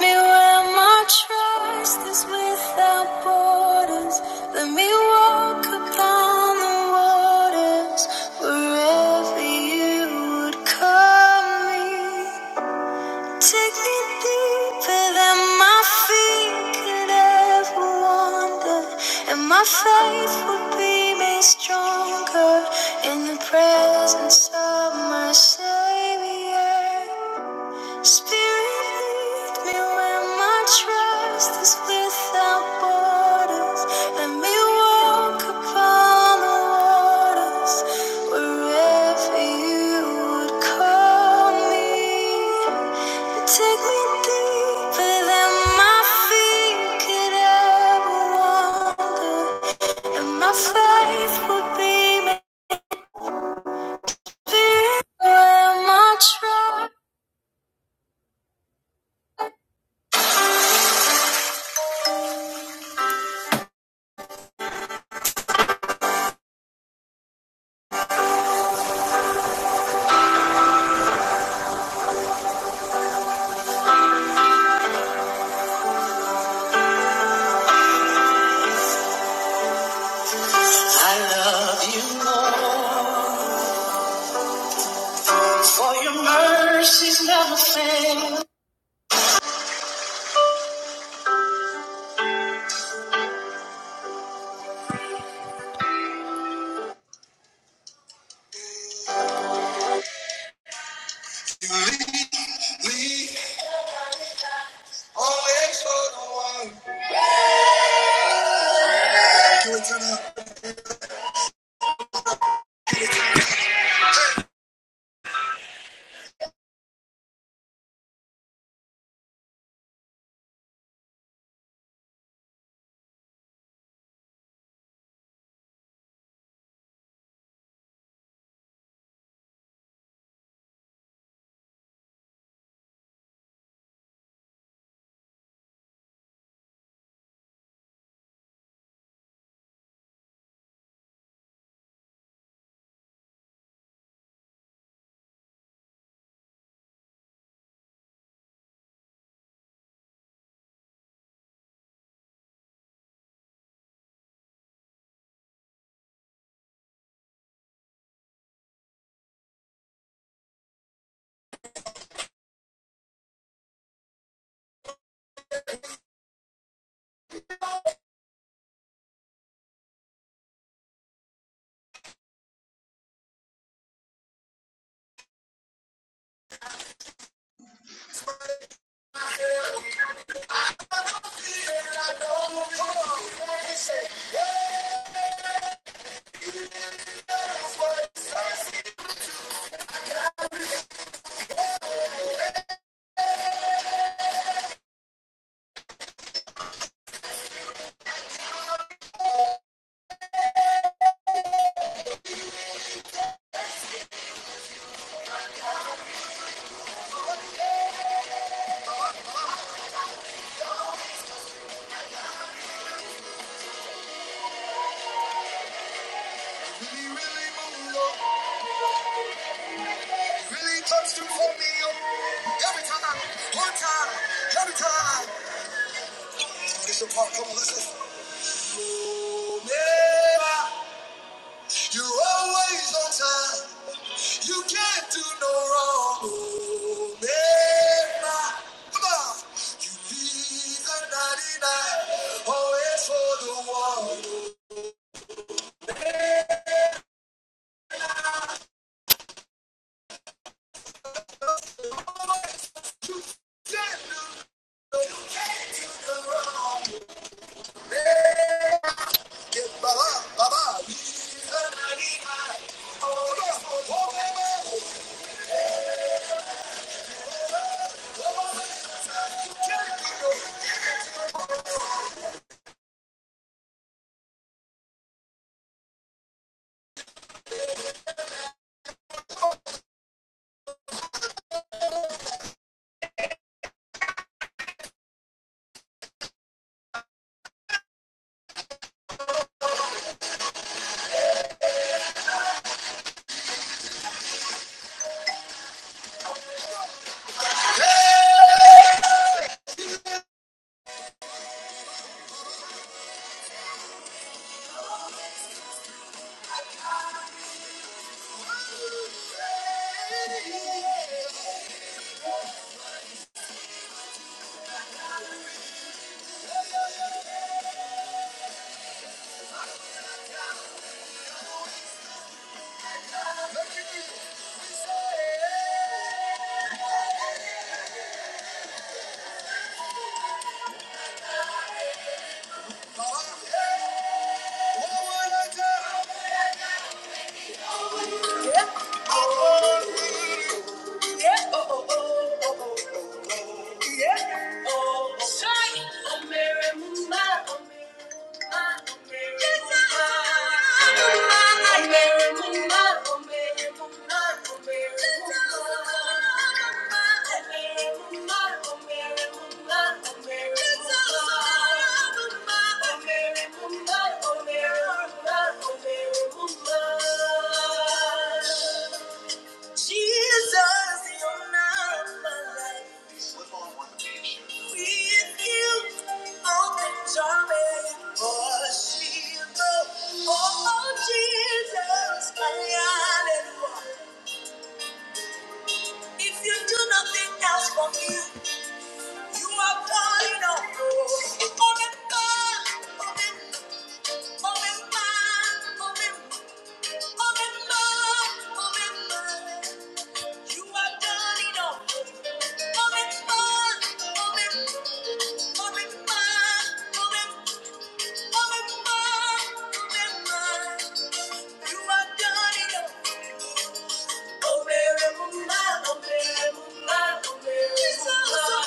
me where my trust is without borders. Let me walk upon the waters wherever you would call me. Take me deeper than my feet could ever wander, and my faith will be made stronger in the presence of my Savior. Spirit, lead me where my trust is without borders. Let me walk upon the waters wherever you would call me. Take me deeper than my feet could ever wander, and my faith will be made. Spirit, where my trust. I love you Lord. For your mercies never fail.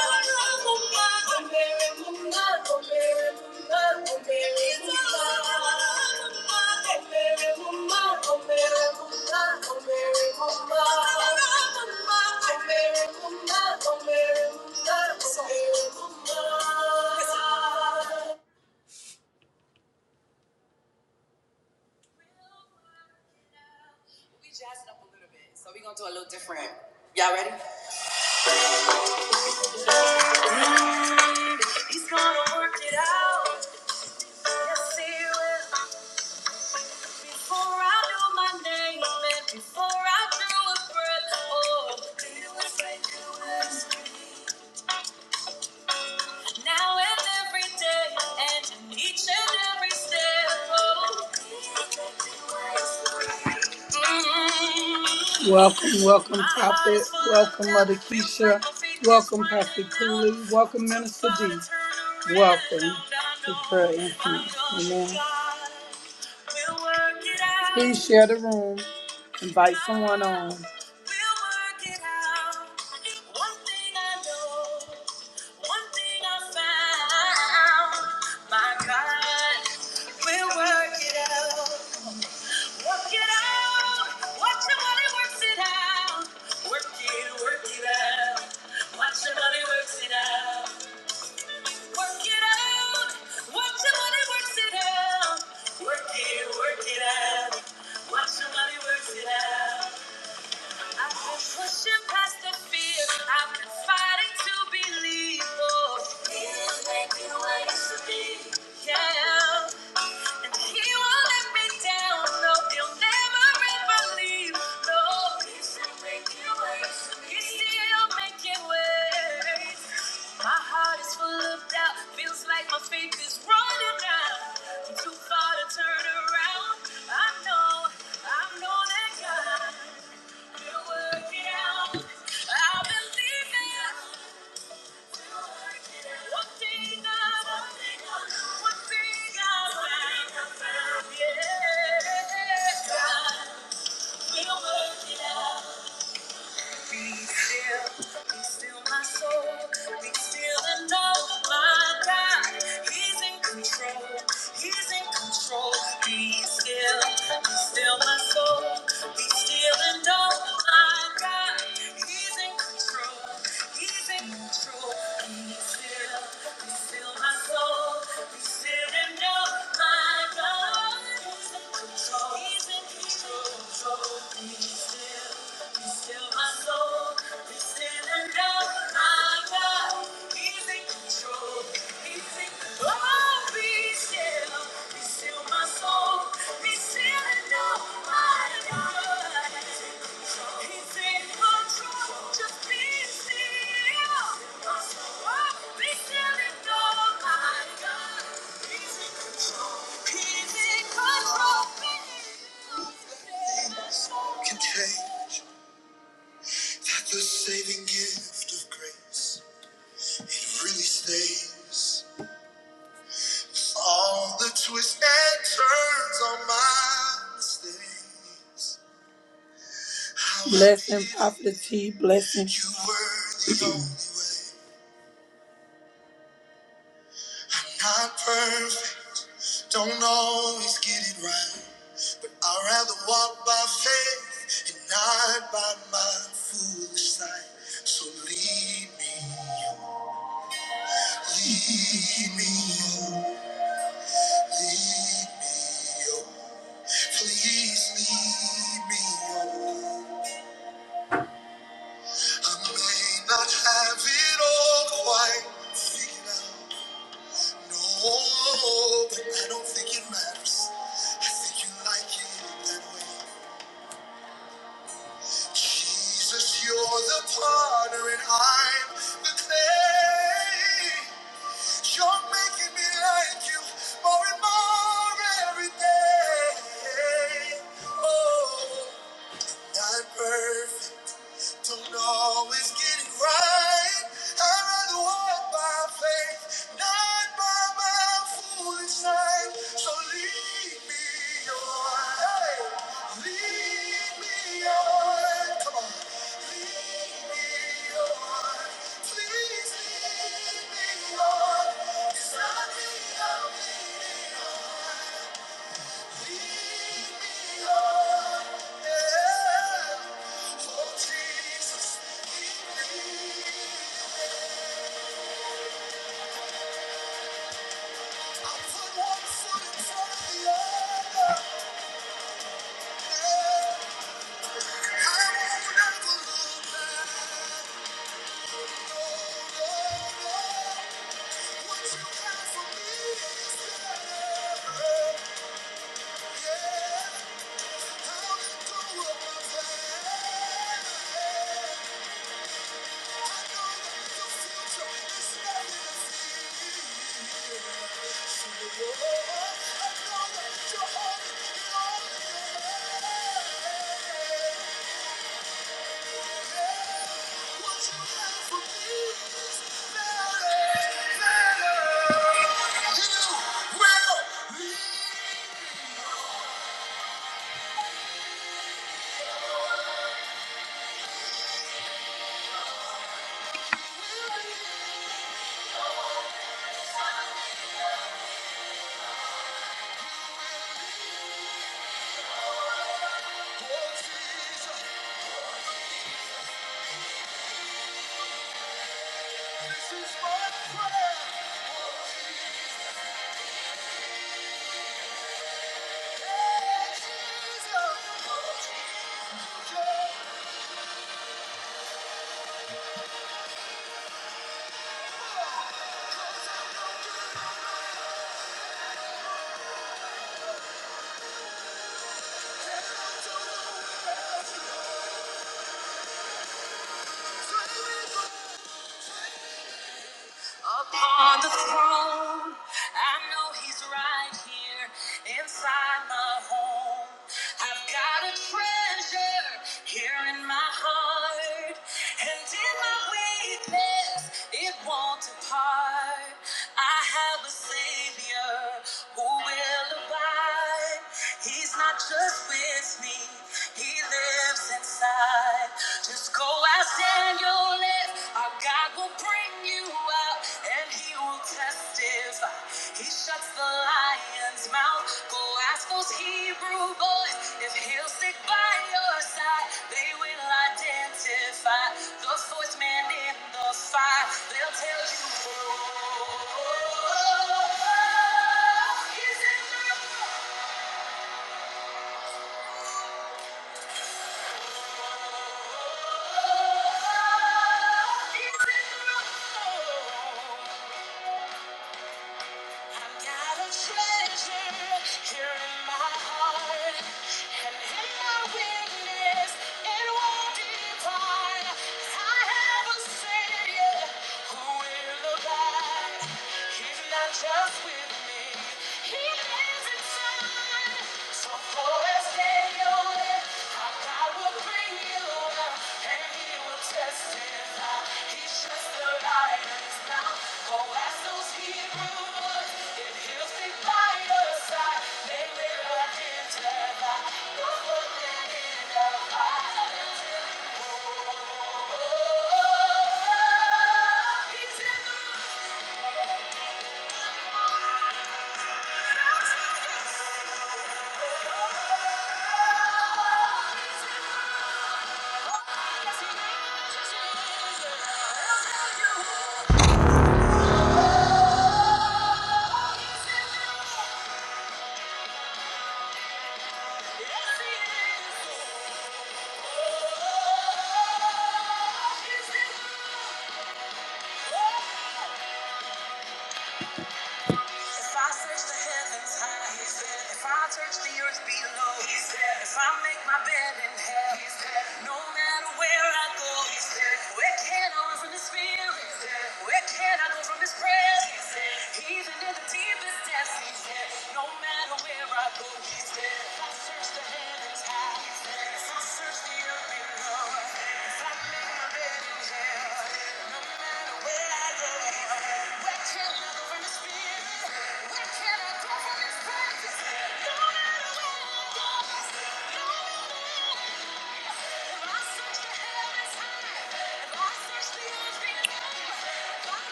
Oh, oh Welcome, welcome, welcome, minister. Share the room. Invite someone on. The tea blessing.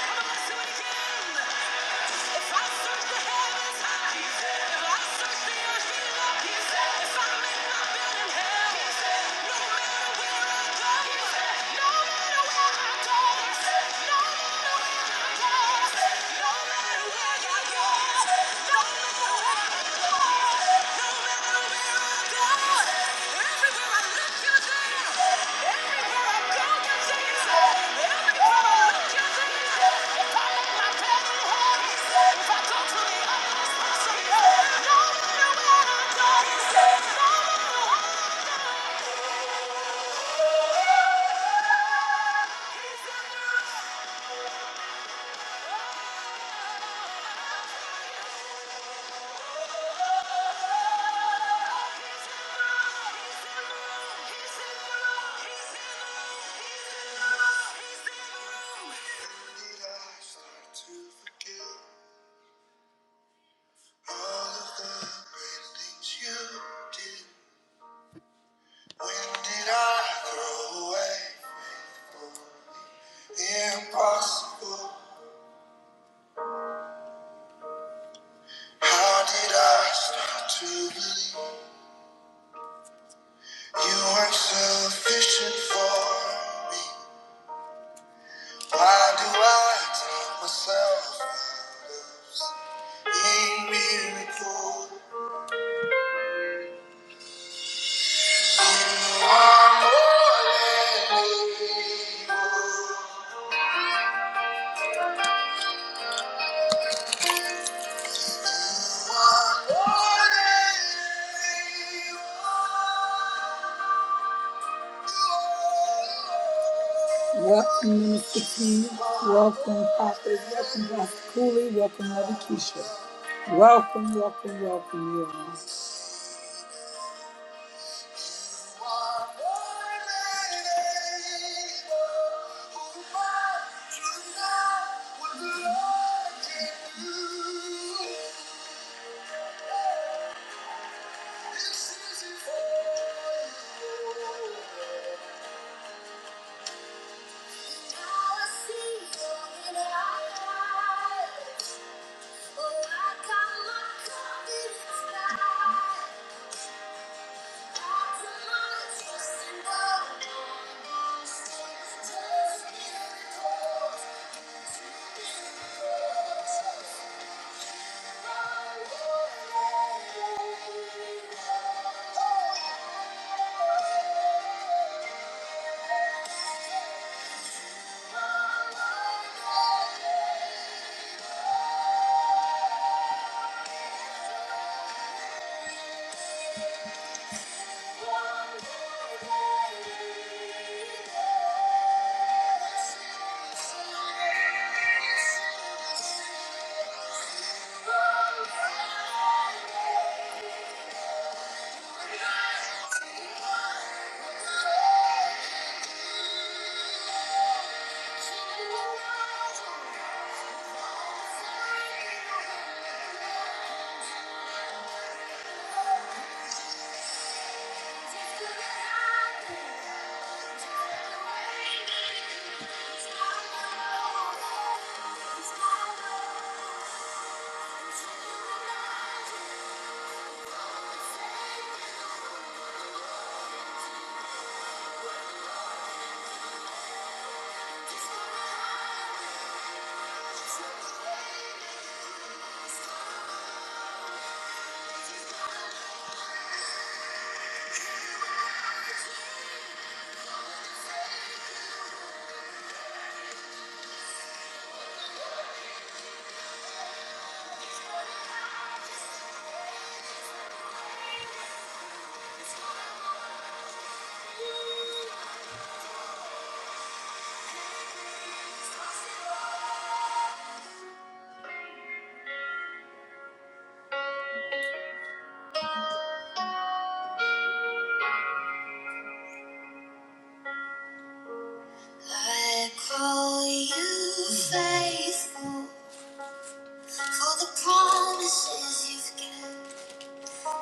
Let's do it again. If I search the heavens high, He said. If I search the earth below, He said. If I'm my bed in hell, He said. No matter where I go, No matter where I go, No matter where I go, No matter where I go, He said. No Welcome, Minister T. Welcome, Prophet. Welcome, Dr. Cooley. Welcome, Mother Keisha. Welcome, welcome, welcome, you all.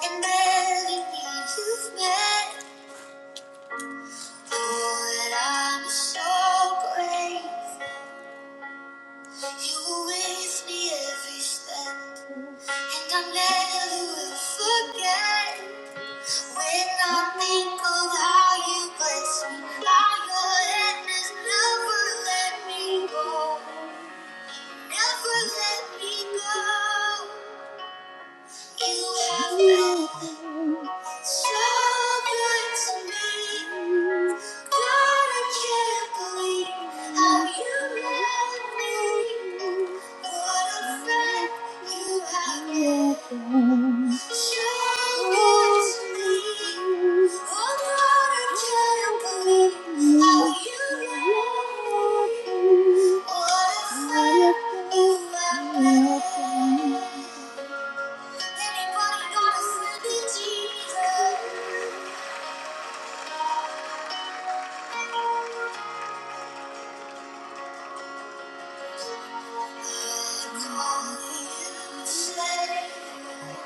And everything you've meant, Lord, I'm so grateful. You were with me every step, Thank and I you. never will forget. When I think of how you blessed me, how your hand has never let me go. Never let me go. You have been so good to me. God, I can't believe how you love me. What a friend you have been. So good to me. Oh, God, I can't believe how you love me. What a friend you have been. Anybody got a friend in Jesus? We call you Savior.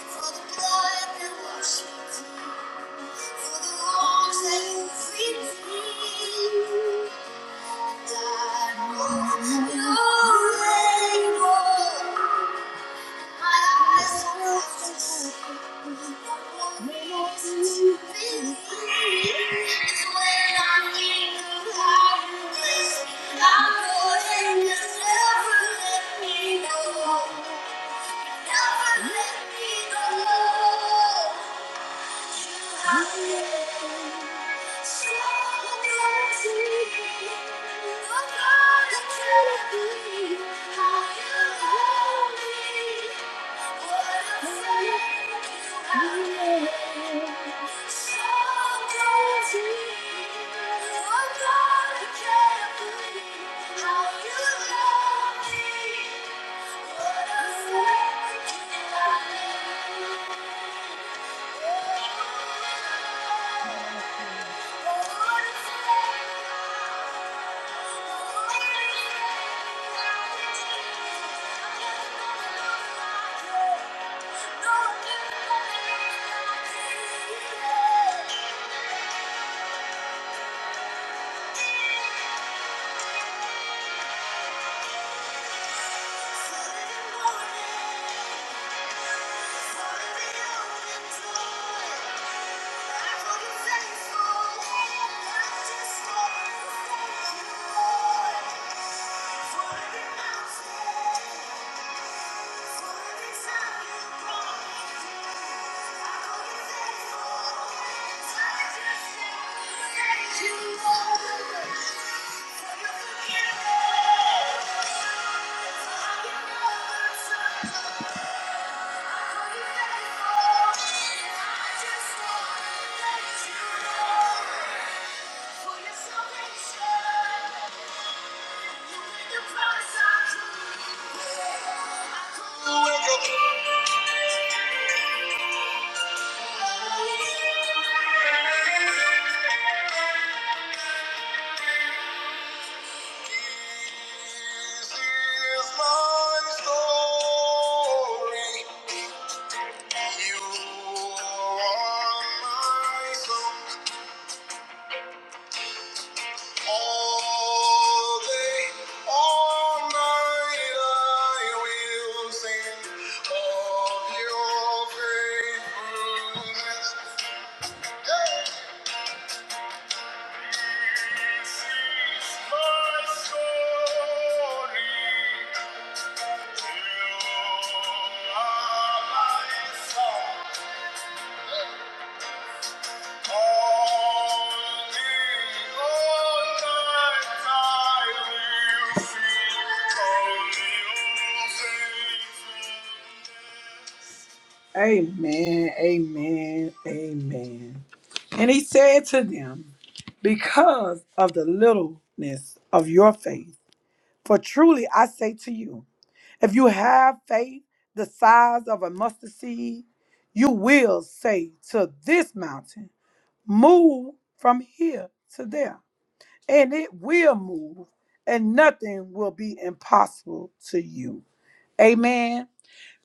For the blood that washed me For the wrongs that you've redeemed. God, oh, you're able. Thank you. My And I'm eyes don't have so to see. happy to see, What No more reason to believe the greatest thing ever you took me. Everything that you don't let you go. Never let you go. Beautiful. Everything. Everything. Oh, yeah. a Thank friend you have been. No! you. Thank you. Amen, amen, amen. And he said to them, Because of the littleness of your faith, for truly I say to you, if you have faith the size of a mustard seed, you will say to this mountain, Move from here to there, and it will move, and nothing will be impossible to you. Amen.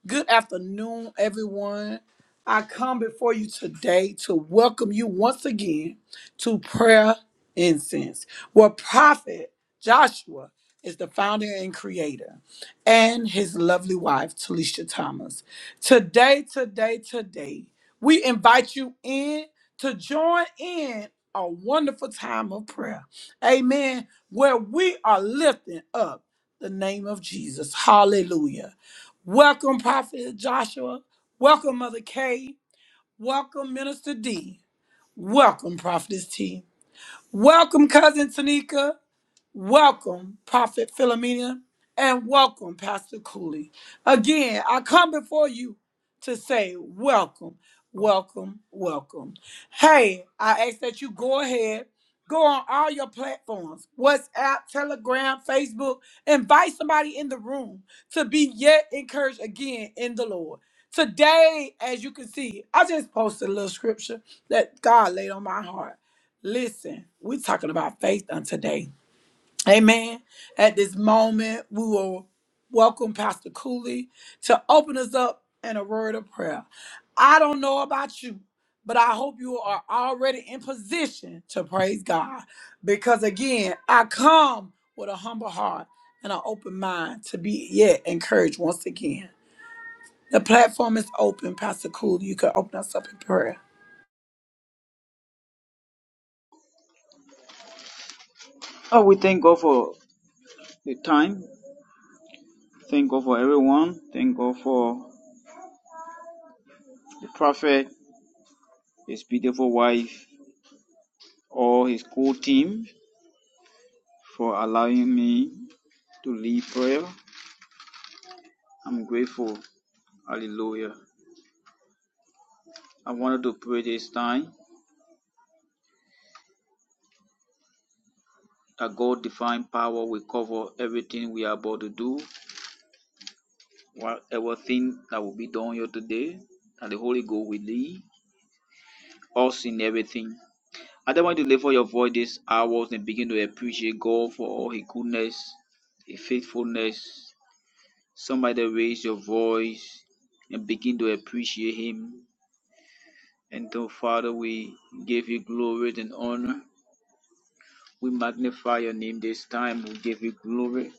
Good afternoon, everyone. I come before you today to welcome you once again to Prayer Incense, where Prophet Joshua is the founder and creator, and his lovely wife, Talisha Thomas. Today, today, today, we invite you in to join in a wonderful time of prayer. Amen. Where we are lifting up the name of Jesus. Hallelujah. Welcome, Prophet Joshua. Welcome, Mother K. Welcome, Minister D. Welcome, Prophetess T. Welcome, Cousin Tanika. Welcome, Prophet Philomena, and welcome, Pastor Cooley. Again, I come before you to say welcome, welcome, welcome. Hey, I ask that you go ahead, go on all your platforms WhatsApp, Telegram, Facebook. Invite somebody in the room to be yet encouraged again in the Lord. Today, as you can see, I just posted a little scripture that God laid on my heart. Listen, we're talking about faith on today. Amen. At this moment, we will welcome Pastor Cooley to open us up in a word of prayer. I don't know about you, but I hope you are already in position to praise God. Because again, I come with a humble heart and an open mind to be yet encouraged once again. The platform is open, Pastor Cooley. You can open us up in prayer. Oh, we thank God for the time. Thank God for everyone. Thank God for the prophet, his beautiful wife, all his cool team for allowing me to lead prayer. I'm grateful. Hallelujah. I wanted to pray this time that God divine power will cover everything we are about to do, whatever thing that will be done here today, that the Holy Ghost will lead us in everything. I don't want you to lift up your voice this hour and begin to appreciate God for all His goodness, His faithfulness. Somebody raise your voice and begin to appreciate Him. And so, Father, we give you glory and honor. We magnify your name this time. We give you glory.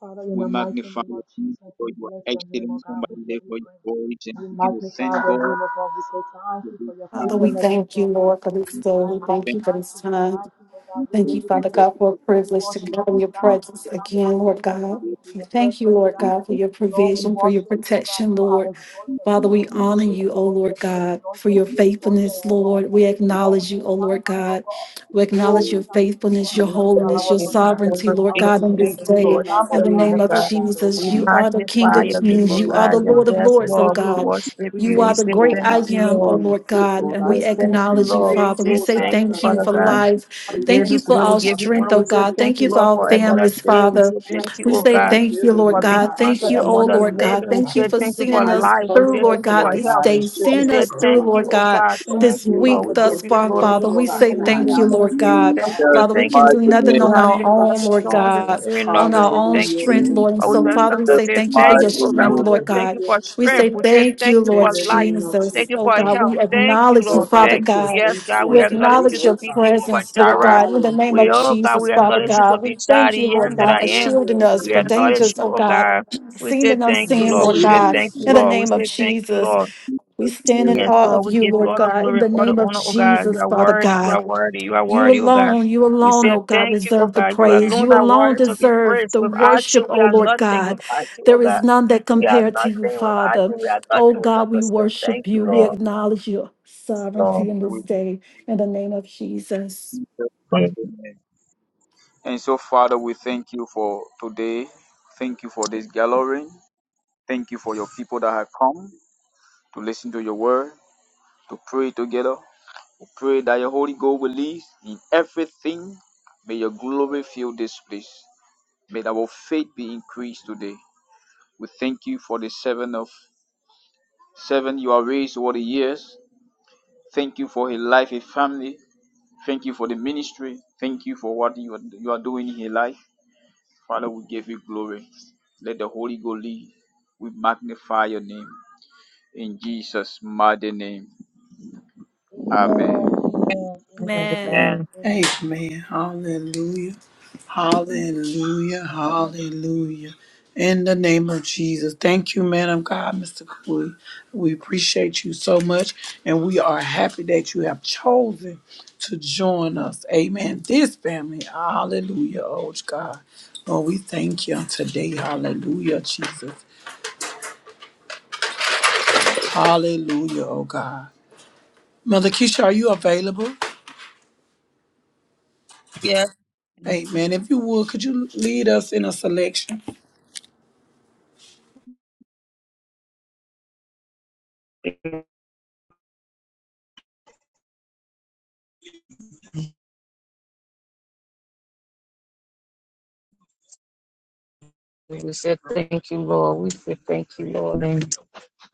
Father, in We the mighty magnify name your of name Jesus, for we you are bless your name, oh excellent. God. Somebody We give lift you up praise. your voice and We begin to thank magnify your God name, for oh God. We say thank you this for your Father, we time. faithfulness, oh thank you, God. Lord, for this We day. thank We you, we thank Thank you for thank this you, we time. thank you, oh you, God. We Thank give you, thank you you Father for praise. God, for a We privilege to worship go in you, your oh God. this. We say presence thank again, you Lord again for God. coming to We your thank you, presence, oh Lord God. We God, for your Lord, we provision, for your worship you, oh God. protection, You are Lord. exalted, oh Father, God. we thank honor Be you, O exalted, Lord be God, for exalted, your be exalted, faithfulness, oh God. Lord. We Lord, we acknowledge you, say O Lord thank you, oh God. God. We Oh, acknowledge we your you thank you, O faithfulness, God, your because you are Lord, holiness, our your We give you protector, glory, sovereignty, you are Lord we our give God, you on shield, this you honor, we are the day. God, Lamb worship for In of your the being name, a God. O name of good God. God, oh Jesus, We God. you are the We King magnify thank of your In you, we name, the O kings. thank You name you, are of God. we the thank Lord you, of Jesus, Yes, we oh give lords, you O God. Lord. We praise. God. worship We you. You We are thank you, the say great Lord thank I God, for you, am, Lord. O seeing Lord it, We God, Lord and God, say we to thank you, acknowledge you, Lord. We create, Father. We say Lord say God, thank you, us, thank you Father oh for God. God. life. We We give Thank thank you you for you, glory. Lord We our God, give for you strength, honor. oh We continuing say God. thank Thank to you, you do for Lord, for our for Lord another families, God. day. We Father. say Thank thank you, you, We oh Lord say God, God, for thank you, building, Lord for Lord being God, God. that Thank counted you're you, among oh doing the in Lord us, God. living. Lord We Thank you say God. for thank you for seeing How you us life. We through, covering say us, Lord thank you God, for Lord this health. God, and day. We shifting Seeing us, say us Lord through, thank God. you, Lord oh God, God. Thank you, Thank this you, for Lord your God, week for Lord. We give thus you far, directing glory. us, and Father. Lord We honor. God, say in We our say thank you, thank Lord altitude, you. word. Lord God. Thank God. you. Father, we Thank can you. do mighty Right now, nothing We in on the have our name of own, 10,000 Lord songs. and It's God, Jesus, not enough on to our say own thank hallelujah, you. strength, In oh Lord. And But we God. so, just Father, come we to Jesus' say say thank you for thank your Thank you, mighty oh you, God. strength, We name. say Lord thank you God. hallelujah, for We Jesus. strength. say We say thank thank you, you for In Lord the life. name of Jesus, Thank Jesus. you Oh for oh your God, help. we God. Thank you, acknowledge you, Oh Lord. God, Father we Thank you. God. just Yes, thank God, you we We on acknowledge today, you acknowledge to oh your be God. Jehovah presence, Lord Jireh. God, in the name We, of Hallelujah, oh God, Jesus, we Father Jesus. acknowledge you to God. We be God, thank you, I Lord am that God, I for am. shielding us We for Hallelujah. acknowledge dangers, you, oh oh God, God. We seen say and thank you, unseen, Lord. We Hallelujah. Lord say God, thank you, in the Lord. We name of say thank you, Jesus. Lord. We stand in Yes, awe Lord, of we you, give you Lord all the God, in glory the and all the name of honor, oh God. You Jesus, are Father worthy. You God. are worthy. You are You worthy, oh God. alone, you We alone, say oh God, thank you, oh deserve the God. You praise. alone You are alone worthy to be deserve praised. the Without worship, you, we oh are Lord nothing. God. Without you, oh There God. is none that We are compare to you, nothing without Father. you. We are nothing. Oh We come God, to we say thank worship you, you. We Lord. acknowledge your Lord. sovereignty in this With day. In the name of Jesus. Jesus' mighty And so, Father, we thank you for today. Thank you for this gathering. Thank you for your people that have come to listen to your word, to pray together. We pray that your Holy Ghost will lead in everything. May your glory fill this place. May our faith be increased today. We thank you for the servant of servant you have raised over the years. Thank you for his life, his family. Thank you for the ministry. Thank you for what you are, you are doing in your life. Father, we give you glory. Let the Holy Ghost lead. We magnify your name. In Jesus' mighty name. Amen. Amen, amen, amen, Amen. Amen. amen. Amen. Hallelujah. Hallelujah. Hallelujah. In the name of Jesus. Thank you, man of God, Mr. Cooley. We appreciate you so much. And we are happy that you have chosen to join us. Amen. This family. Hallelujah. Oh God. Oh, we thank you on today. Hallelujah, Jesus. Hallelujah, oh God. Mother Keisha, are you available? Yes, Amen. If you would, could you lead us in a selection? we said thank you, Lord. We said thank you, Lord. And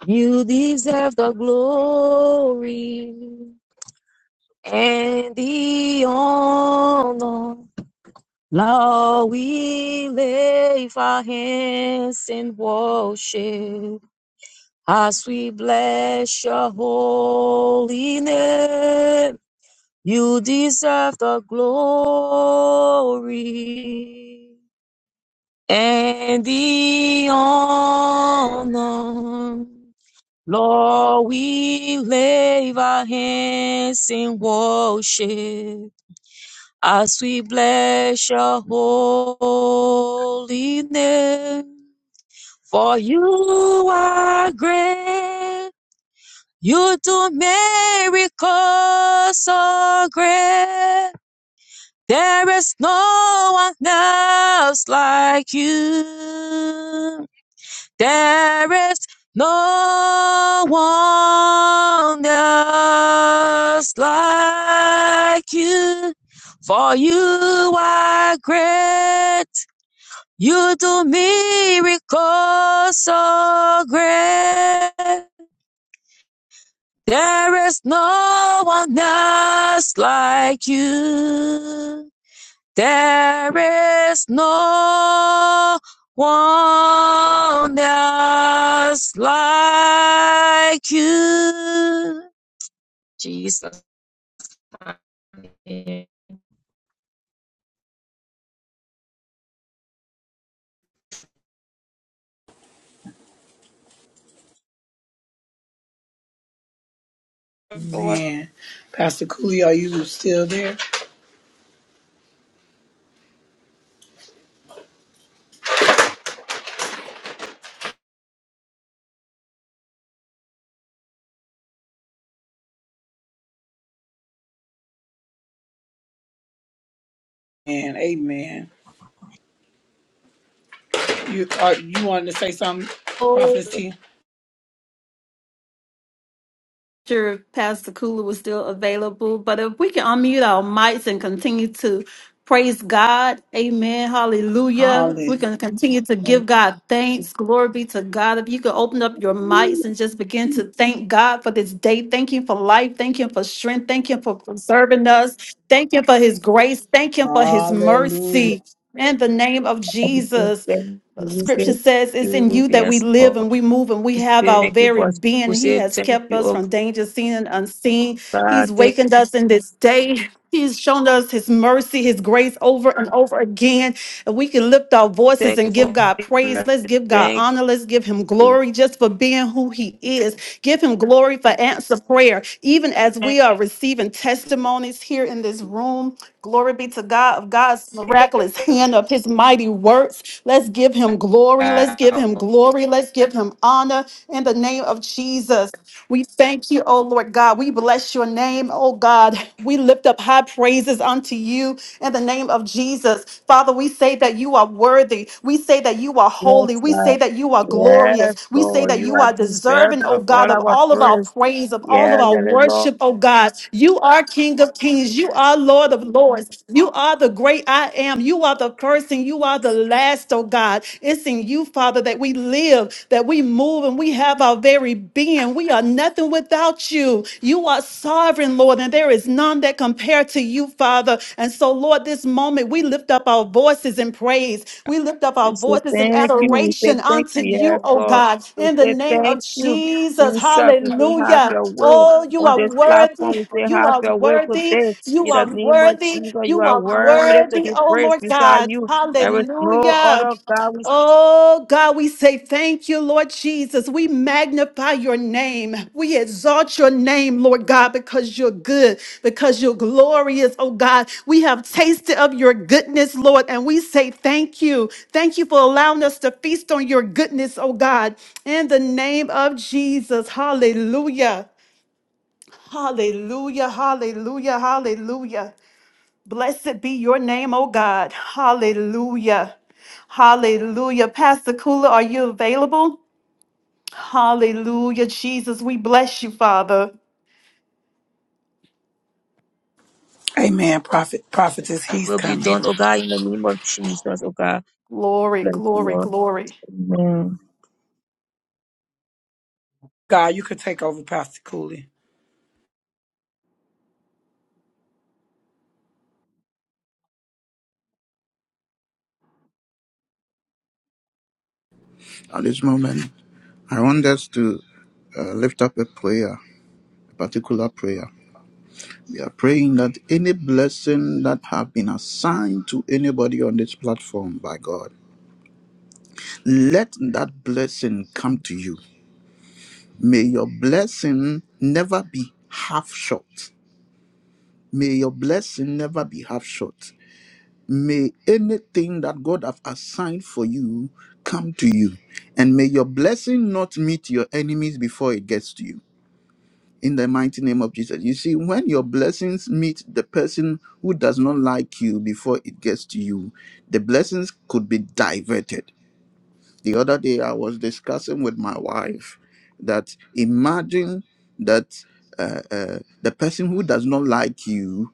you deserve the glory and the honor. Lord, we lay our hands in worship as we bless your holy name. You deserve the glory and the honor. Lord, we lay our hands in worship as we bless your holy name. For you are great, you do miracles so great. There is no one else like you. There is no one else like you, for you are great. You do miracles so great. There is no one else like you. There is no one else like you. Jesus. Man, Pastor Cooley, are you still there? And amen. You are you wanted to say something, Oh, Prophetess T? sure if Pastor Kula was still available, but if we can unmute our mics and continue to praise God, amen, hallelujah. If Hallelujah. we can continue to give God thanks, glory be to God. If you could open up your mics and just begin to thank God for this day, thank Him for life, thank Him for strength, thank Him for preserving us, thank Him for His grace, thank Him for His Hallelujah. mercy. In the name of Jesus, thank you. Scripture says it's in you that we Yes, live Lord. and we move and we have our Thank you very for being. we He say has thank kept you, us oh from danger seen and unseen. He's God. Thank wakened you, us in this day. He's shown us his mercy, his grace over and over again. And we can lift our voices thank you and for give God thank praise. Let's you. give God Thank honor. Let's give him you. glory just for being who he is. Give him glory for answer prayer. Even as we are receiving testimonies here in this room, glory be to God of God's miraculous hand of his mighty works. Let's give give him glory. Let's give him glory. Let's give him honor in the name of Jesus. We thank you, oh Lord God. We bless your name, oh God. We lift up high praises unto you in the name of Jesus. Father, we say that you are worthy. We say that you are Yes, holy. We say Lord. that you are Yes, glorious. We say Lord. that You you are are deserving, deserving oh of God, all of our all of our praise. praise, of all Yes, of our yes, Lord. worship, oh God. You are King of Kings. You are Lord of Lords. You are the great I am. You are the first and you are the last, oh God. God. It's in you, Father, that we live, that we move, and we have our very being. We are nothing without you. You are sovereign, Lord, and there is none that compare to you, Father. And so, Lord, this moment we lift up our voices in praise. We lift up our We say voices in thank you. We say adoration thank you. unto you, Yes, oh Lord. God, We in the say name thank of you. Jesus. Jesus, we say have Hallelujah. your way. Oh, you On are this platform, worthy. we say You have are your way worthy. today. You In the are name of worthy. Jesus, you You are are worthy to worthy, be oh praised Lord beside God. you. There is no Hallelujah. other God which Oh God, we say thank you, Lord Jesus. We magnify your name. We exalt your name, Lord God, because you're good, because you're glorious, oh God. We have tasted of your goodness, Lord, and we say thank you. Thank you for allowing us to feast on your goodness, oh God. In the name of Jesus, hallelujah. Hallelujah, hallelujah, hallelujah. Blessed be your name, oh God. Hallelujah. Hallelujah. Pastor Kula, are you available? Hallelujah. Jesus, we bless you, Father. Amen. Prophet Prophetess, he's will be coming. done, oh God, in the name of Jesus, oh God. Glory, Bless you, glory, Lord. glory. Amen. God, you could take over Pastor Cooley. At this moment, I want us to uh, lift up a prayer, a particular prayer. We are praying that any blessing that have been assigned to anybody on this platform by God, let that blessing come to you. May your blessing never be half short. May your blessing never be half short. May anything that God have assigned for you come to you. And may your blessing not meet your enemies before it gets to you. in the mighty name of Jesus. You see, when your blessings meet the person who does not like you before it gets to you, the blessings could be diverted. The other day, I was discussing with my wife that imagine that uh, uh, the person who does not like you,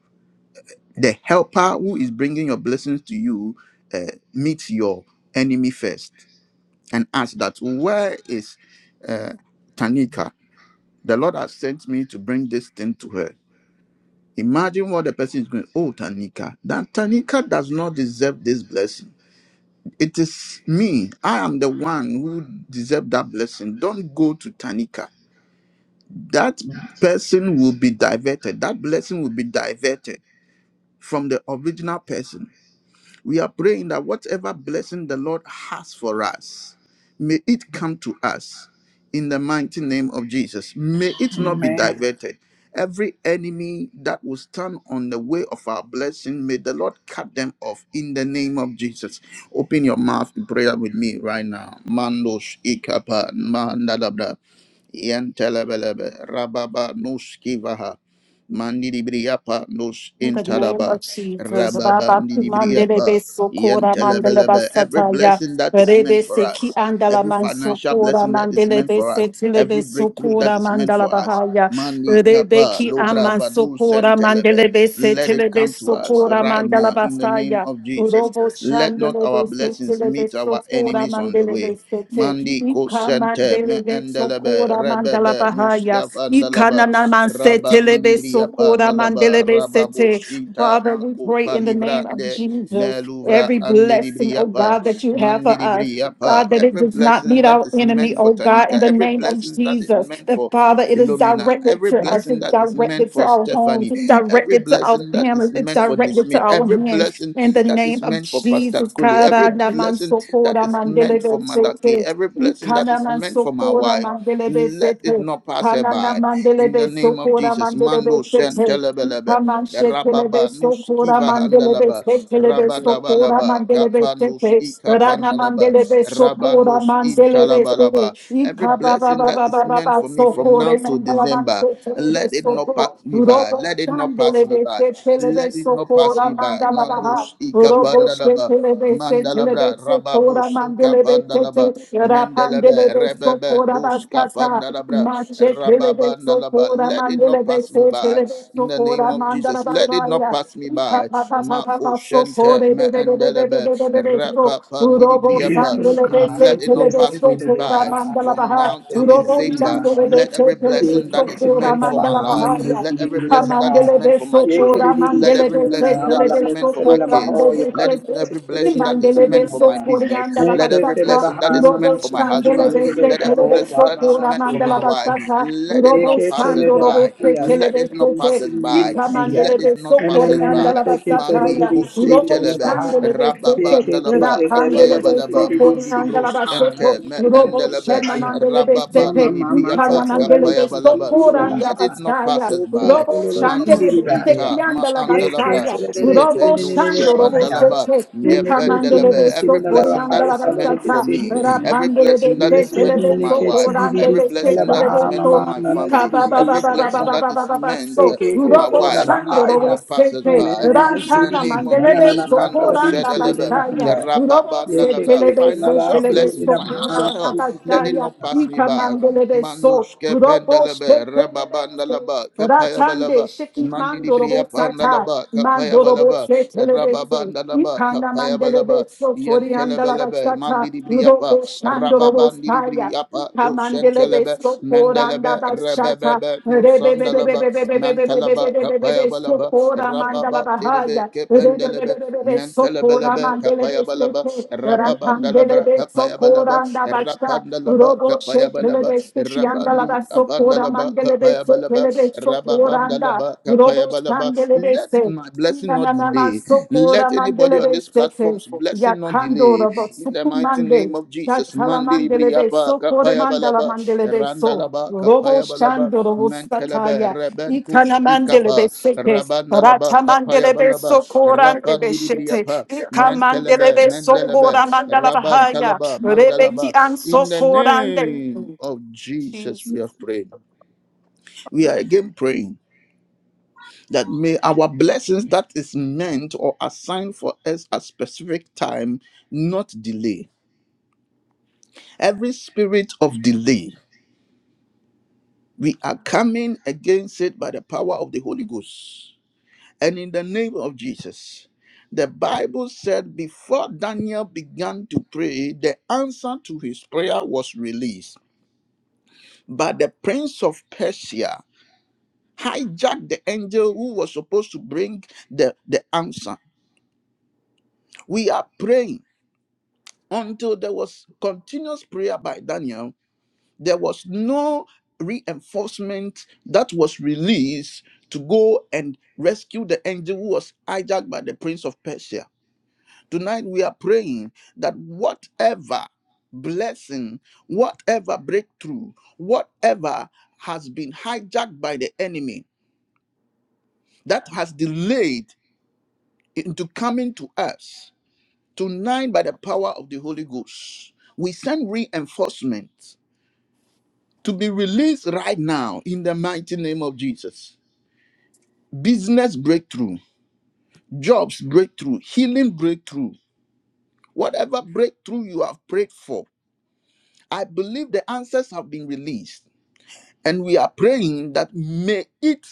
the helper who is bringing your blessings to you, uh, meets your enemy first and ask that, Where is uh, Tanika? The Lord has sent me to bring this thing to her Imagine what the person is going, oh, Tanika, that Tanika does not deserve this blessing. It is me. I am the one who deserve that blessing. Don't go to Tanika. That person will be diverted. That blessing will be diverted from the original person. We are praying that whatever blessing the Lord has for us, may it come to us in the mighty name of Jesus. May it not be Amen. diverted. Every enemy that will stand on the way of our blessing, may the Lord cut them off in the name of Jesus. Open your mouth in prayer with me right now. Mandos ikapa Yantelebelebe, Rababa Nus Kivaha, Mandiribriapa Nus In the name of Intaraba, Jesus. Rababa Baba Ndiribriapa, kumandelebe sokora mandeleba Yantelebelebe. Every sataya. blessing that is meant Rebe for seki us, andala every financial mansokora blessing that is meant mandelebe for us, setelebe every breakthrough that sokora is meant mandala for us. Mandi Rebe Kappa, ki Lobra Vadu amansokora Sentelebe. mandelebe Let it setelebe come to us sokora right mandala now in the name of Jesus. Robo Let not shandele our de blessings setele de meet our sokora enemies on the mandele de way. sete. Mandi ko Ika sente me mandele de endelebe sokora mandala rebebe bahaya. nuskaf Ika andalaba nana man setele rabandi libria sokora pandalaba mandele be rababu sete. shinta Father, we mako pray in the name of palivrande Jesus, meluvra every andi blessing, libria oh pa God, that you have mandi for us, libria pa. God, that it Every does not blessing meet that our is enemy, meant for oh God, Tanika, in the every name of blessing that is Jesus. meant That for Father, it is Philomena, directed every to us, blessing it's that is meant directed to for our Stephanie, homes, it's every directed to our blessing that families, is it's meant for this directed to meet, our every hands. blessing In the that is name of meant for Pastor Jesus, Cooley, every Kara na man blessing so that is meant for Madaki, sete. every blessing that Ikana is man meant so for my wife, let it sete. not pass her Hanana by. mandele In the de name of sokora Jesus, mandele Mando de sete. Shentelebelebe, Kaman shetele de Rababa sokora Nuskiva mandele de Handalaba, setele de sokora Rabadabalaba, mandele de Kapanus sete. Rana Ikapandalaba, mandele de sokora Rabanus mandele de sete. Intalabalaba. Every Ika ba ba blessing ba that ba ba is ba ba meant for me from sokore now to mandala ban December. setele de Let it not pass soko. me by. Robo Let it not chandele pass me de by. setele de Let it not pass sokora me by. mandala ba. Mandus ikapandalaba. Mandela Mandalabra Rababus Incapandalaba Mandalaba Rebebe Nuska Pandalabra Rababandalaba. Let it not pass me by. In the name of Jesus, let it not pass me by. Makushente Mandalaba Yes, Rapapandibriapa. oh God, I'm Let it not blessed. pass Yes, me it is by behind us. from God, now that till it is seen and December. behind Let us. every Yes, blessing it that is is taken meant for my behind us, life, and it is let seen every in the blessing that is behind. meant for my Yes, it children, is the let seen Mandela every Robo in the behind. blessing I'm all that is alone, meant it's for in my the kids, behind. Yes, God, let it, it is every seen blessing that is in meant the for my behind. business, Yes, let every it is blessing that is behind. I'm meant not for my sitting here, husband, it is let every Oh, blessing wow, that wow, is wow, meant for it is my wife, let it not Eke pass us tele da da by. ya, Let it Eketele de not bahia, pass us sinini by. leheya. Let it not pass us Ememene by. teketele Mandi de sinini lele kosetelebe baha. Eketele rababandalaba de lele de kapayabalaba sinini de mandi di sinini bros maha. ente Namene me ketele de endelebe bahaya. Rababa Mama mama nibriyapa tetele de kapaya kiti balaba. de lele Let it baha. not pass us Oko by. polo de Shandele sinini de Mandus bahaya. ita ma andalabra. Eketele de de Robo sinini Yepenus lele Shando Robo bahaya. kepandalaba. Sete, Meme ketele Icamandele de de Nependelebe. Every sinini la blessing Socorianda that baha. la is Pala de meant for Bastata, ketele me, de lele. every Rapandele blessing de that is Yese Setele meant for de mene my ke wife, Socorande tsididi every de sele la blessing Setele that is de baha meant mama for So, my nana family, tsididi every sele la blessing that is Icabababababababababa meant ke uh, So, ke for ke my sele Robo la wife, baha Shando let it ya Robo not pass us me Sete, me by. me me In the Rantana tsididi name of Mandele nana nana de Jesus, ka Mando tsara di Socoranda sele le Shedelebe, baha Bastaya, ya Robo ye ke ke Rababandalebe, Setele ke de la la financial Setele de sele le blessing, la baha financial help Socoranda sele di sele let it le Bastaya, not la pass me baha by. Icamandele de So, Mandus Robo kependelebe, Setele de rababandalaba, Ratande kapayabalaba, sheki mandorobo sata mandilibriyapanalaba, mandorobo kapayabalaba, se telebese rababandalaba, ikanda kapayabalaba, mandelebe so sori andala yentelebelebe, sata mandilibriyapa, robo shandorobo saya rababandilibriyapa, kamandelebe kosentelebe, so koranda mendelebe, basata rebebebe, nusandalaba, mentalaba, rebebebebebebebebebebebebebebe so kapayabalaba, kora mandala bahaya rababandilibe, kependelebe, rebebebebebe so kora mentelebelebe, mandelebe kapayabalaba, sete rababandalabra, rakandelebe so kapayabalaba, koranda basta Rapandalaba robo se Kapayabalaba telebese ki Rabandi andala Ora Apandalaba mandelebe so Kapayabalaba telebe so koranda. Rababandalaba Robo Kapayabalaba. sandelebe Let se. my blessing Ina na not na ma delay. so kora Let anybody on mandelebe this se se. platform's blessing not Yakando delay. robo In the mighty name sukumande. of Jesus. Shatala Mandi mandelebe Briapa so kore mandala Kapayabalaba mandelebe so. Randalaba Robo Kapayabalaba shando robo Mantelaba sataya. Ikana Rebentus mandelebe Ikapa seke. Rabandalaba Rata mandelebe Kapayabalaba so korandebe Rapandi shete. Briapa Ika Mentelebe mandelebe so Mendelebe kora mandala bahaya. Rabantalaba Mandalaba Rebeki an so in the korande. name of Jesus, we Jesus. have prayed. We are Amen. again praying that may our blessings that is meant or assigned for us at specific time not delay. Every spirit of delay, we are coming against it by the power of the Holy Ghost. And in the name of Jesus, the Bible said before Daniel began to pray, the answer to his prayer was released by the prince of Persia hijacked the angel who was supposed to bring the, the answer. We are praying until there was continuous prayer by Daniel. There was no reinforcement that was released to go and rescue the angel who was hijacked by the prince of Persia. Tonight we are praying that whatever blessing, whatever breakthrough, whatever has been hijacked by the enemy that has delayed into coming to us tonight by the power of the Holy Ghost. We send reinforcement to be released right now in the mighty name of Jesus. Business breakthrough, jobs breakthrough, healing breakthrough, whatever breakthrough you have prayed for. I believe the answers have been released, and we are praying that may it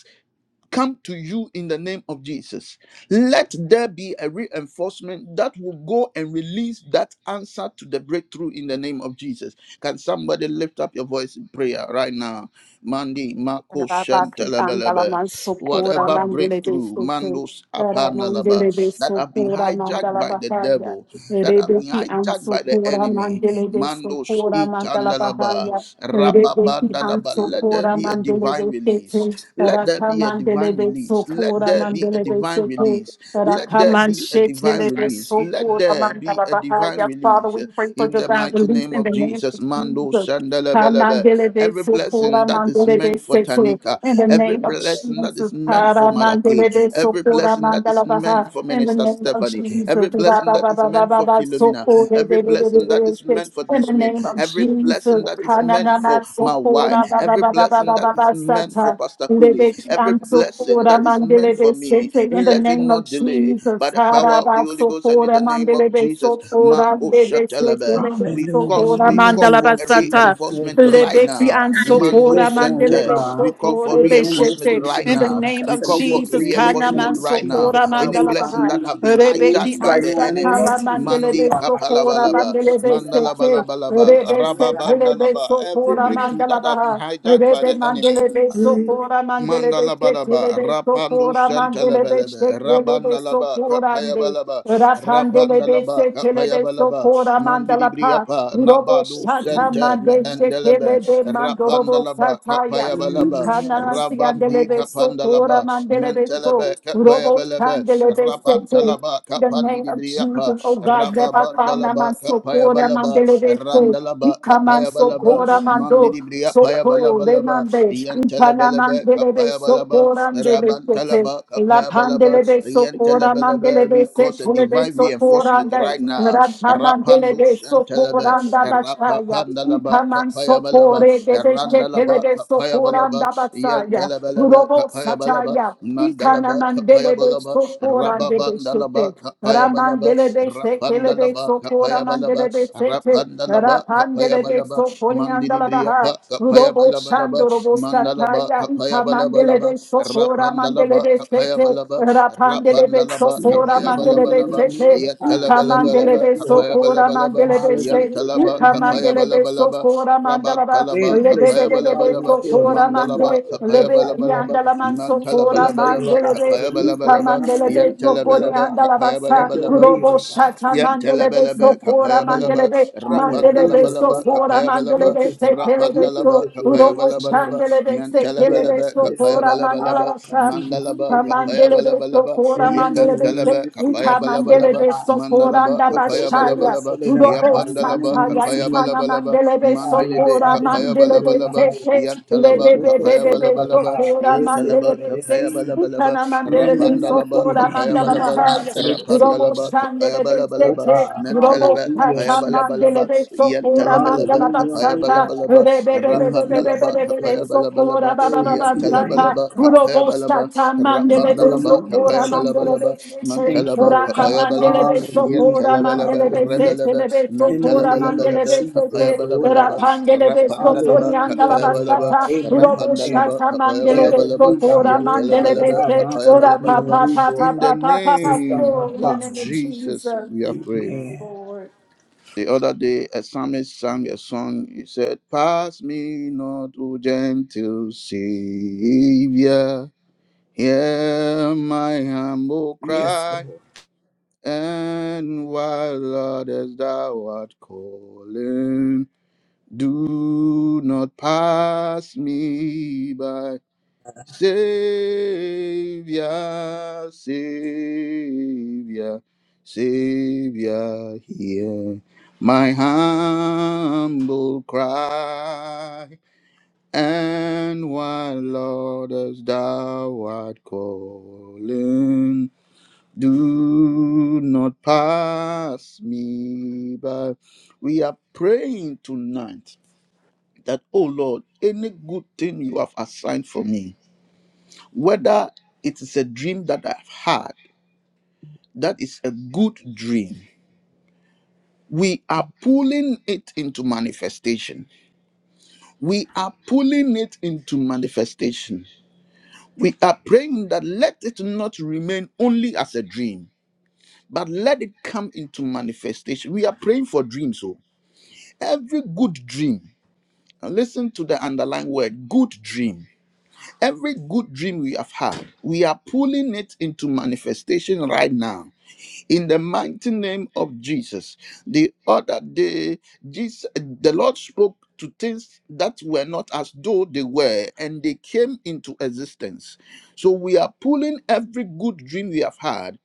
come to you in the name of Jesus. Let there be a reinforcement that will go and release that answer to the breakthrough in the name of Jesus. Can somebody lift up your voice in prayer right now? Mandi Mako Rabatu andala Shantalabelebe. man sokora Whatever mandele de breakthrough, soto. Mandos Era Apanalaba, mandele de that have been sokora hijacked mandala by the bahaya. devil, that have been Rebeki an hijacked by the sokora enemy. mandele de Mandos sokora mandala itandalaba, bahaya. Rebeki an rababandalaba. Let there sokora be a mandele divine de release. sete. Let there Raka be a mandele divine de release. Let sokora there be a mandele de divine sete. release. Let Raka there man be a divine shetele de release. Let sokora there be mandala a divine bahaya. Father, release. we pray for In the divine mighty release name in of the name Jesus, of Mando Jesus. Shandalabelebe. Every blessing that is meant for Kamandelebesokora-mandelebeseke. Tanika, In the every name of blessing that Jesus, is meant for Kara Maraki, Mandele de every Sopora blessing that is mandala meant baha. for in the Minister name of Stephanie, Jesus, every Ba blessing ba that ba is ba ba meant ba for ba. Philomena, every blessing that is Rababababababasokorebebebebebeseke. meant for in the this man, name of every blessing Jesus, that is meant Kanana for my wife, Sopora ba ba every ba ba ba blessing ba that ba is meant for bababababababasata Pastor Cooley, Lebeki every blessing ansokora that is meant for mandelebe me, sete. In the let it name of not delay. By Jesus, the power of the haraba Holy Ghost and in sokora the name of mandelebe Jesus, sokora Marco mandele sete Shetelebe, lebe we cause hallelujah sokora in we the call name for mandalaba a sata. of reinforcement Jesus right Lebeki now. Mando ansokora Replace them, oh Center, mandelebe God. we call for sokora Your name is the reinforcement beshete. leader right In the now. behind name We of So call we for need to Jesus, name- In the kana reinforcement name of right Jesus, now. oh mansokora God, Any we mandalaba blessing bind ha. that them have been Lebeki hijacked loose by right now the in the name enemy, ansakala of Jesus, oh mandelebe Mandi God. sokora Yes, kapalabalaba, yes, mandelebe in the back, in sete. the name of the mandalabalabalaba, Rebe sete lebe rababandalaba. Every sokora Lord. Yes, breakthrough that mandalaba has been hijacked ha by the se enemy. mandele be sokora mandele be Mandala ketele Mandalabalaba, be Rapandu sokora mandele be Santalabelebe, shekele be Rabandalaba, sokora ande. Kapayabalaba, Rapandele be Rapandalaba, setele be Kapayabalaba, sokora mandala pa. Mandiribriapa, Robo Nabadu shata Sente, me mande endelebe, shekele be mandorobo Mendelebe, sataya. in kapaya the balaba, name Ukana siandele Rabandi be sokora Kapandalaba, mandele be so. Mentelebe, kapaya Robo belebe, shandele be rabanta sete. laba, In the kapandi name of di Kapayabelebe, Rabantalaba, Jesus, Kapandiribriapa, oh God, Yabakana Rababandalaba, man sokora Kapayabalaba, mandelebese, Randalaba, Ikaman Kapayabalaba, sokora mando, ya sokore balaba. mande, Ipana Yantelebelebe mandelebe Kapayabalaba sokora mandelebese, Rabantalaba La Kapayabalaba pandelebe sokora Yantelebelebe. We mandelebese, cause a Tulebe divine sokora reinforcement ande, right now. Radha Rapando mandelebe sokora Shantelebe anda bachaya, Rapapandalaba Ikaman Kapayabalaba sokore debeshe Randalaba telebe sokora Kapayabalaba anda Sataya, Yantelebelebe Robo Kapayabalaba Sataya, Mandalaba Ikanamandelebe Kapayabalaba Sokora and Debe Rababandalaba Sute, Kapayabalaba Ramandelebe Sekelebe Rapandalaba Sokora Kapayabalaba Mandelebe Sete, Rapandalaba Rapandelebe Kapayabalaba Sokoriandalabaha, Mandilibriapa Kapaya Robo balaba Shandorobo Mandalaba Sataya, Kapaya Balabalaba Ikamandelebe Sokora Rapandalaba Mandelebe Kapaya Sete, Balaba Rapandelebe Rapandalaba Sokora Kapaya Mandelebe Balabalaba of Sete, the Lord. Oh, we thank Yatalabalabalaba Ikamandelebe you, oh Kapaya God. Sokora Balabalaba Mandelebe beshe, Hallelujah, right Yantalaba now in ika the name Kapaya of mandele beso Balabalaba kora mandala ba, Land Rabantalaba and lebe be bless the Kapaya Lord God that is Balabalaba held up and Mandalaba mande, blocked up, Kapaya Lord lebe God, in the name Balabalaba kiandala of Jesus. manso We kora pray, Mantalabalabalaba Lord mandele God, for be, Kapaya release ika right Balabalaba now in the mandele name of beso Jesus, kori Lord Yantalabalabalaba God. andala Kapaya Have basa, your Balabalaba way, robo oh God, shata mandele beso Yantelabalaba, kora Lord. mandelebe Kapayabalaba, be, mandele Hallelujah, beso oh Rapandalabalaba, God. kora Kapayabalaba, mandele You be, get the se kele honor, you get Rapandalaba, beso, the glory, robo Kapayabalabalaba, Jesus. chandele be, se kele Yes, Mantalabalaba, beso blessed in the kora higher, Kapayabalabalaba, mandala continue ika Mandalaba, seated in his mandele head. beso Kapayabalabalaba, kora Amen, amen, se, amen, Yepantalaba, the city, ika the Lord mandele Kapayabalabalaba, beso God. kora Mandalaba, oh, forth, andabashaya, blessed Kapayabalabalaba, in the Udobo higher, Yapandalaba, amen, in the sataya city. itana Kapayabalabalaba, mandelebe Aya Mandilibi, sokora sabe que ele mandelebe era Kapayabalabalaba, raia. teke Yantalaba, Koto koto lebebebebebe era Kapayabalabalaba, raia. sokora Esse que Yantalaba, ele mandelebe tes desci. Kapayabalabalaba, itana Nena mandelebe na que Rapandalaba, ele sokora behi na Kapayabalaba, ka mandalabahaya ele desci. Udobo Rapandalaba, shandelebe Kapayabalabalaba, teke Opa, Udobo Mentalaba, hallelujah, kata Jesus. Kapayabalabalaba, mandelebe sokora Yantalabalaba, Hallelujah, oh mandalabasata God. Kapayabalabalaba, Thank you, Rapandalaba, lebebebebebebebe Jesus. Kapayabalabalaba, sokora Glory Baba to your name, Mantanta, Yantalabalaba, oh God. Urobo Kapayabalaba, Santa Mandele Rapandalaba, Hallelujah, Socora Jesus. Kapayabalabalaba, Mandele Sete, Thank Mantalaba, you, oh Rata God. Kapayabalaba, Mandele Hallelujah, Socora oh God. Yantalabalaba, Mandele Release Sete, Rebelaba, Lebe In the Socora name of Mentalabalabalaba, Mandele Jesus, Sete, oh Kapayabalabalaba, God. Ratangele Rapandalaba, Socorianda Hallelujah, la Lord Kapayabalaba, God, Bastata, Abraham's Urobo Rapandalaba, heir. Santa Heirs Mandele of Kapayabalabalaba, you, Socora God, Lord God, Mandele that Yantalabalaba, our Sete, mountains have Ora been Kapayabalabalaba, papa, removed. Lord papa, in the papa, God. papa, Pa Pa Pa And Pa some name Pa of in the of name blocks, of Jesus. Jesus, Jesus. we have prayed. Yes, Amen. Lord. The other day, a psalmist sang a song. He said, Pass me not, O gentle Savior. Hear my humble Yes, Lord. cry. And while others thou art calling, do not pass me by. Savior, Savior, Savior, hear my humble cry. And while Lord as thou art calling, do not pass me by. We are praying tonight that, oh Lord, any good thing you have assigned for me whether it is a dream that I've had, that is a good dream. We are pulling it into manifestation. We are pulling it into manifestation. We are praying that let it not remain only as a dream, but let it come into manifestation. We are praying for dreams. So every good dream, and listen to the underlying word good dream. Every good dream we have had, we are pulling it into manifestation right now in the mighty name of Jesus. The other day, Jesus, the Lord spoke to things that were not as though they were, and they came into existence. So we are pulling every good dream we have had.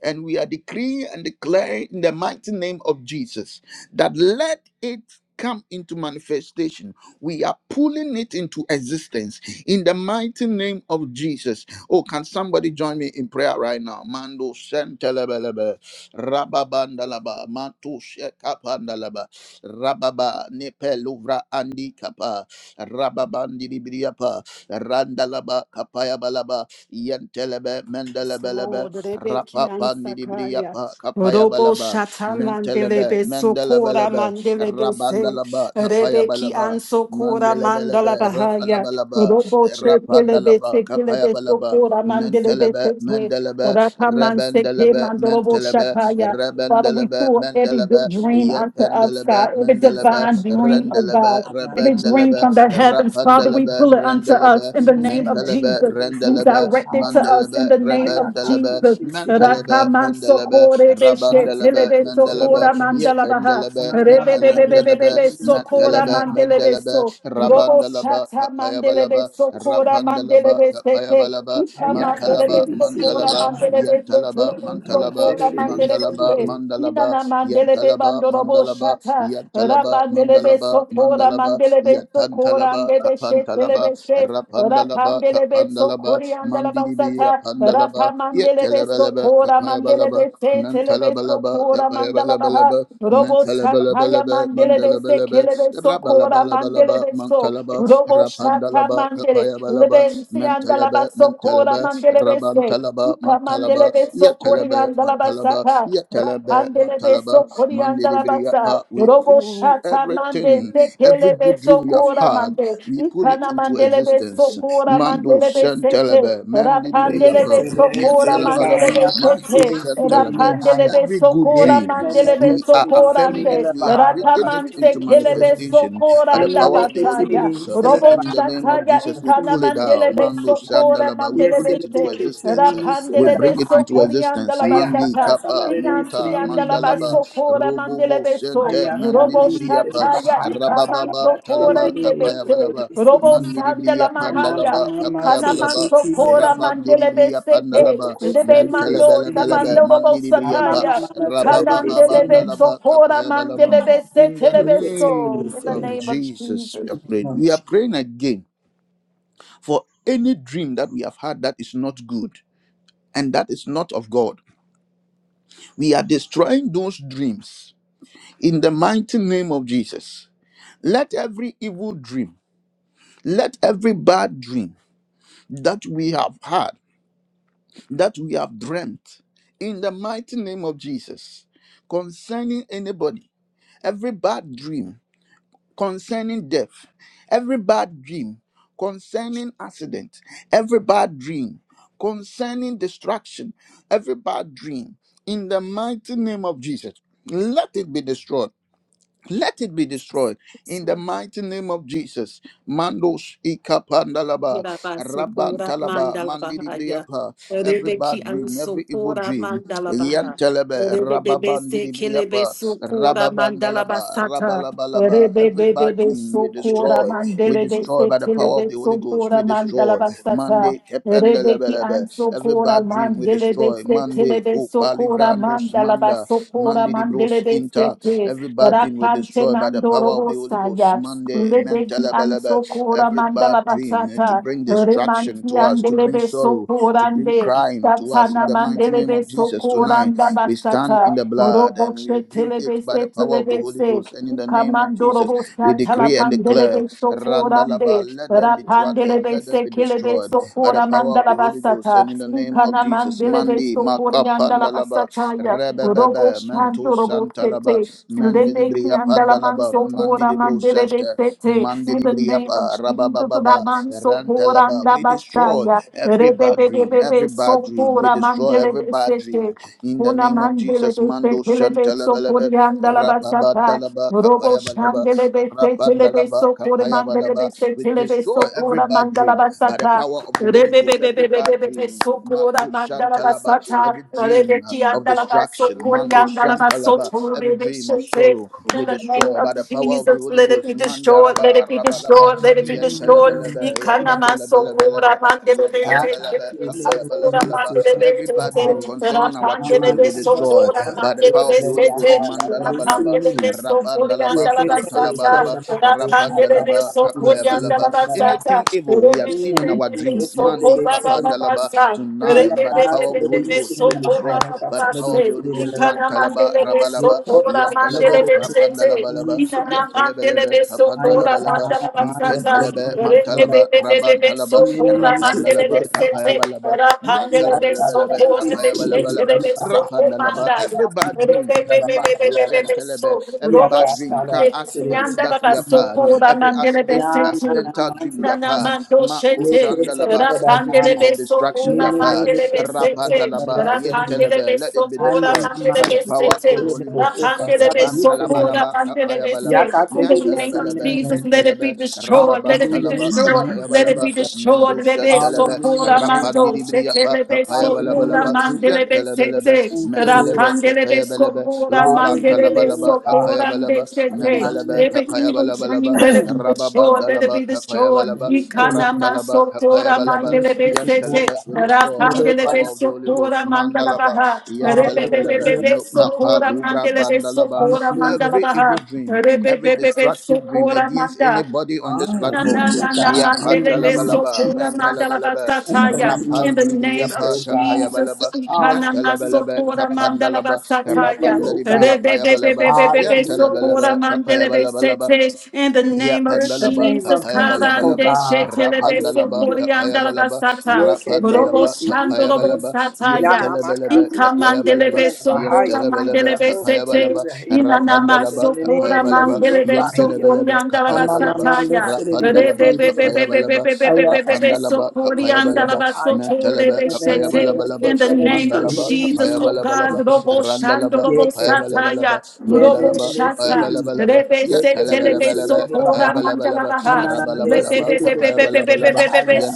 And we are decreeing and declaring in the mighty name of Jesus that let it come into manifestation. We are pulling it into existence in the mighty name of Jesus Oh, can somebody join me in prayer right now? Mando shentelebelebe, rababandalaba, matu shekapandalaba, rababa nepeluvra andi kapa, rababandiribriapa, randalaba kapayabalaba, yentelebe Yes, mendelebelebe, Lord, Rebeki Ansakaya, rapapandiribriapa Robo kapayabalaba, Shata mentelebe Mandelebe Sokora mendelebelebe, Mandelebe Se, rabandalaba Rebeki kapayabalaba, Ansokora mandelebelebe, Mandala Bahaya, rapalabalaba, Robo Chekelebe rapandalaba Sekelebe kapayabalaba, Sokora Mandelebe Mentelebe, Se, Mandalaba, Rakaman Seke Rabandalaba, Mandorobo Mentelebe, Shataya. Father, we Rabandalaba, pull every good Mandalaba, dream unto us, Yependelebe, God, every Mandalaba, divine dream, oh God, Rendelebe, every dream Rabandalaba, from the heavens, Father, we Rapandelebe, pull it unto us Rendelebe, in the name of Mentelebe, Jesus. Who Rendelebe, directed to us in Mandalaba, the name of Rebendelebe, Jesus? Mentelebe, Rakaman Ayaka, Mandalaba, Rabandelebe, Mendelebe, Yetendelebe, Netelendelebe, Mentelebe, Mendelebe, Robo Rabandalaba, shata mandelebe Kapayabalaba, sokora Rapandalaba, mandelebe sete. Kapayabalaba, Ika Mantalaba, mandelebe sokora Mantalaba, mandelebe sete. Yantalaba, Telebe Mantalaba, sokora mandelebe Mandalaba, sete. Mandalaba, Inana mandelebe Yantalaba, bandorobo Mandalaba, shata. Yantalaba, Rabandelebe Mandalaba, sokora Mandalaba, mandelebe sokora Yatantalaba, andebe Kapantalaba, shetelebe se. Rapandalaba, Rapandelebe Kapandalaba, sokori Mandidibia andalabasata. Pandalaba, Rapamandelebe Yetelabalaba, sokora Kapayabalaba, mandelebe se telebe Nantalabalaba, sokora mandalabaha. Kapayabalabalaba, Robo sataya Nantalabalabalaba, mandelebe se Mandalabalaba, kelebe sokora Rabalabalabalaba, mandelebe so. Mantalaba, Robo shata Rapandalaba, mandele. Kapayabalaba, Lebe si mentalaba andalabasokora mentalaba mandelebe raban se. talaba mentalaba Ramandele beso yatalaba korianda la mentalaba basata. yatalaba Rapandele mentalaba beso korianda la basa. mandiribriyapa we Robo pull shata mande everything every sekele good dream beso you have kora had mande. we pull it Ikana into mandele beso existence kora mando mandele besete. sentalaba Rapandele Yes, mandiribriyapa beso kora mandele yantalabalaba mako besete. sentalaba Rapandele every beso good kora dream mandele we beso are affirming it korande. we are bringing it into Ratamante kele beso manifestation by the koranda power of the Holy bataya. Ghost Robo and in the name of shataya Jesus, we ikana pull it out. mandele Mando beso kora Shandalaba, we mandele pull it into bese. existence. Uh, We Rapandelebe bring it into sokori existence. andala Mandi basata. Kappa, Iyansi Monta, andala Mandalaba, basokora Robobo, mandelebe so. Sente, Robo Mandilibriapa, shantaya ikaman Rabababa, sokora Talaba, ndebete. Kapayabalaba, Robo sandala Mandilibriapa, Mana mahaya. mama mati Ikana man Dalaba, iti sokora lele. Rabandiri mandelebe Bria Pandalaba, Lebe mando Mentelebelebelebe, tamando robo Mandiri Bria Pa, sataya. Ikana Rabababa ndelebe Bandalaba, sokora Kapaya Balaba. mandelebe In sete the lebe so. name In the of name of Jesus, we Jesus. have prayed. We are praying again for any dream that we have had that is not good and that is not of God. We are destroying those dreams in the mighty name of Jesus. Let every evil dream, let every bad dream that we have had that we have dreamt in the mighty name of Jesus concerning anybody, every bad dream concerning death, every bad dream concerning accident, every bad dream concerning destruction, every bad dream in the mighty name of Jesus. Let it be destroyed let it be destroyed in the mighty name of Jesus. Mandos ikapandalaba, Yarabasopora rabantalaba, mandala bahaya. mandidibriapa, every bad Rebeki dream, every evil ansopora dream, mandala baha. yantelebe, Rebebebese kelebe rababandidibriapa, sokora mandala rababandalaba, basata. rabalabalaba, every bad Rebebebebe dream, we destroy sokora destroy. We mandelebe destroy se by the power of kelebe the Holy Ghost. We sokora mandala destroy. basata. Monday, Rebeki kependelebelebe. every ansopora bad dream we mandelebe destroy. se Monday, kelebe Copa sokora Livrandus mandala Manda, basokora Monday the Bros mandelebe Inter. se Every bad dream we Rakante destroy by the power mandoro of the Holy Ghost. bosaya. Monday, Lebeki Mentalabelebe. anso kora Every bad mandala dream eh, to basata. bring Remanti distraction to us, to bring andelebe sorrow, to bring sokorande. crying to us in Tatana the mighty name mandelebe of Jesus tonight. sokoranda We stand basata. in the blood and we Roboshe rebuke telebe it by the se power of the telebe Holy se. Ghost. And in the name of Kamandoro Jesus, we bosata la decree and declare, pandelebe Randalaba, sokorande. let them be thwarted, Rapandelebe let them se be kelebe destroyed by the sokora power of mandala the Holy Ghost. basata. And in the name of Kana Jesus, mandelebe Mandi, sokorianda la Makapandalaba, basata ya. Robo Rebebebe, Mento shanto robo Santalaba, sete. Lebeki Mandelibria andalaman Pandalaba, sokora Mandilibro mandele de Santa, sete. In the name of Mandelibriapa, Jesus, Rabababa, Raman Sokora and Rantalaba. We destroy Abashaya, every bad dream, Rebebebebe every bad dream. We Sokora destroy Mandele every de bad dream Sete, in the Kuna name of Mandele Jesus, de Mando Setele de Shantalabalabe, Sokoria and Alabasata, Rababandalaba, Robo Kapayabalaba, Shandele de Setele de Rabandalaba, Sokora Mandele de Kapayabalaba. We Setele de destroy every Sokora bad dream by the Mandalabasata, power of the Holy Ghost, every bad Rebebebebebe dream. sokora Mako Shantalaba, every dream uh, of destruction, Mando Shantalaba, every dream of sorrow, in we the name destroy of by the power of the Jesus, Holy let it be Ghost, destroyed, let it Mandaraba, be Rabalaba, destroyed, let it be destroyed. Yentalabalaba, Ikanamaso, Amanda, Kora, Yapendalabalaba, Mandelebete, Kerebeso, Kora, Yentalabalaba, Every Mandelebete, bad dream concerning our children, we Rapandelebeso, destroy Kora, by the power of the Holy Ghost. Mandelebesete, Mandalabalaba, Rapandelebeso, Yes, rapandalaba, Koriandalabasata, dantalabalaba, rapandalaba, Rapandelebeso, Rabandele de kapayabalaba. Anything evil we have seen in our dreams, Mandi kapandalaba, tonight by the power of the Holy Ghost, we destroy by the power of the Holy Ghost. Mantalaba, rabalaba, yantalaba, rapandalabalaba, yetelebelebe, Socorro, kapandalabalaba, we tentelebe, Ayakarabayasudinisirobaba. mantalaba, rabantalaba, rapandalaba, Yenenikisirebahaye. kapayabalaba. de Nantelebelebelebe, Sete, apayabalabelebe, de Iyakatalibisirebaha. Socorro, rapandalaba. Every Mandaya, bad dream, matu Namanakasirebahayalarana. so shentelebe. every bad dream, car si accident that we have so had, Iyakatalabasirebisirebisi. every accident, accidental dream we have Nanananasiki. had, mako shandalaba. every Yeketerebaha. dream of destruction we have had, rapandalaba, Yenenikisirebahayalarana. yentelebe. let it be Ay mama destroyed by mama, the you power feel it of in the the Holy book. Ghost. I tell you, you feel it in the Rantalabalaba, book. apayabalaba, in Yakatebe the name of sitting in mentelebelebe, the Jesus name. let it be mentelebe, destroyed let rababa, it be Hallelujah in talaba, the destroyed name of let it apayabalaba, be Jesus. destroyed mendu let it be so shentelebe Hallelujah, kora oh rapandi God. di bria pa telebe sokora Hallelujah, balabalaba oh God. mandelebe yantalabalaba sete. Thank you, Lord. mandelebe Rapandelebe kapaya balaba sokora Hallelujah, mandelebe oh rubantalabalaba God. kapaya sokora balaba ndesete. mandelebe Hallelujah, Every kapaya evil balabalaba dream, let it be destroyed, let it rababandalaba be kapaya destroyed. balaba Hallelujah, Lord. Ikanama rantalaba kapaya sokora balaba mandelebe Hallelujah, Lord. sete. yantalaba we We stand destroy it by the up right Rapandelebe now power of the Holy sokora Ghost mandalaba mandalabaha. in the name of Jesus. yantalaba Hallelujah, Rebebebebe Jesus. mukapa sokora lubra mandelebe bandalaba sokora Hallelujah. every evil mandalabaha. dream every Rebebebebe destructive dream sokora against manda. anybody on this In the platform Hallelujah, God. yeah, In the name of Jesus. mentalabalaba, In the name of name Jesus, of oh Rapandilibriapa God. Jesus, Tapayabalaba, Ikanana Hallelujah, Natalabalaba, oh Sokora God. Mandala Kapandalaba, Thank you, Basataya. oh God. Rapandalibriapa Yabalaba, Rebebebebebebe Hallelujah. Sokora Yantalabalaba, Mandelebe Kapayabalabalaba, Sete. In the name of In the Yapandalaba, name Jesus, of Papaya Jesus, oh Kavande Balabalaba, God. Shetelebe Rapandalaba, Hallelujah, Papaya Sokoriandala Jesus. Balaba, Basata. Robo Rapandalaba, Yeketelesibidi. Papaya Shandorobo Balaba, Ian Sataya. Telebelebe, Yamamakati Papaya Balaba, Ikamandelebe Ian Sokora isibidibelebahaya Telebelebe, Mandelebe Papaya Balaba, Sete. katalokolibibaheyi. Inanama Rapandalaba, Papaya sokora Balaba, mandelebe Ian Esenenenenenenebahaya. Telebelebe, sokorianda la Papaya Balaba, basataya. Rebe Rapandalaba, be be be Papaya Mamamamalesidibidibidibele. be be Balaba, be be be Aya be be kata be Rapandalaba, rike Papaya lele sokorianda la Balaba, bahaya. basotore be Mentelebe, Me me Papaya me me shete. me Balabalaba, In se the jale rike here name of Mandalaba, in the Jesus, Papaya name oh of Balabalaba, Jesus. God, oh robo God. shando Randalaba, robo Ye Papaya kese. sataya, Balabalaba, Ye me robo me Mandalaba, me se shata, rike. Kapayabalabalaba, rebe Ye kere sete de lebe se Yatalabalabalaba, rike lele sokora bahaya. mandala Kapayabalabalaba, Na na na na de se Rabalabalaba, baha, rike de kese lele Kapayabalabalaba, bahaya.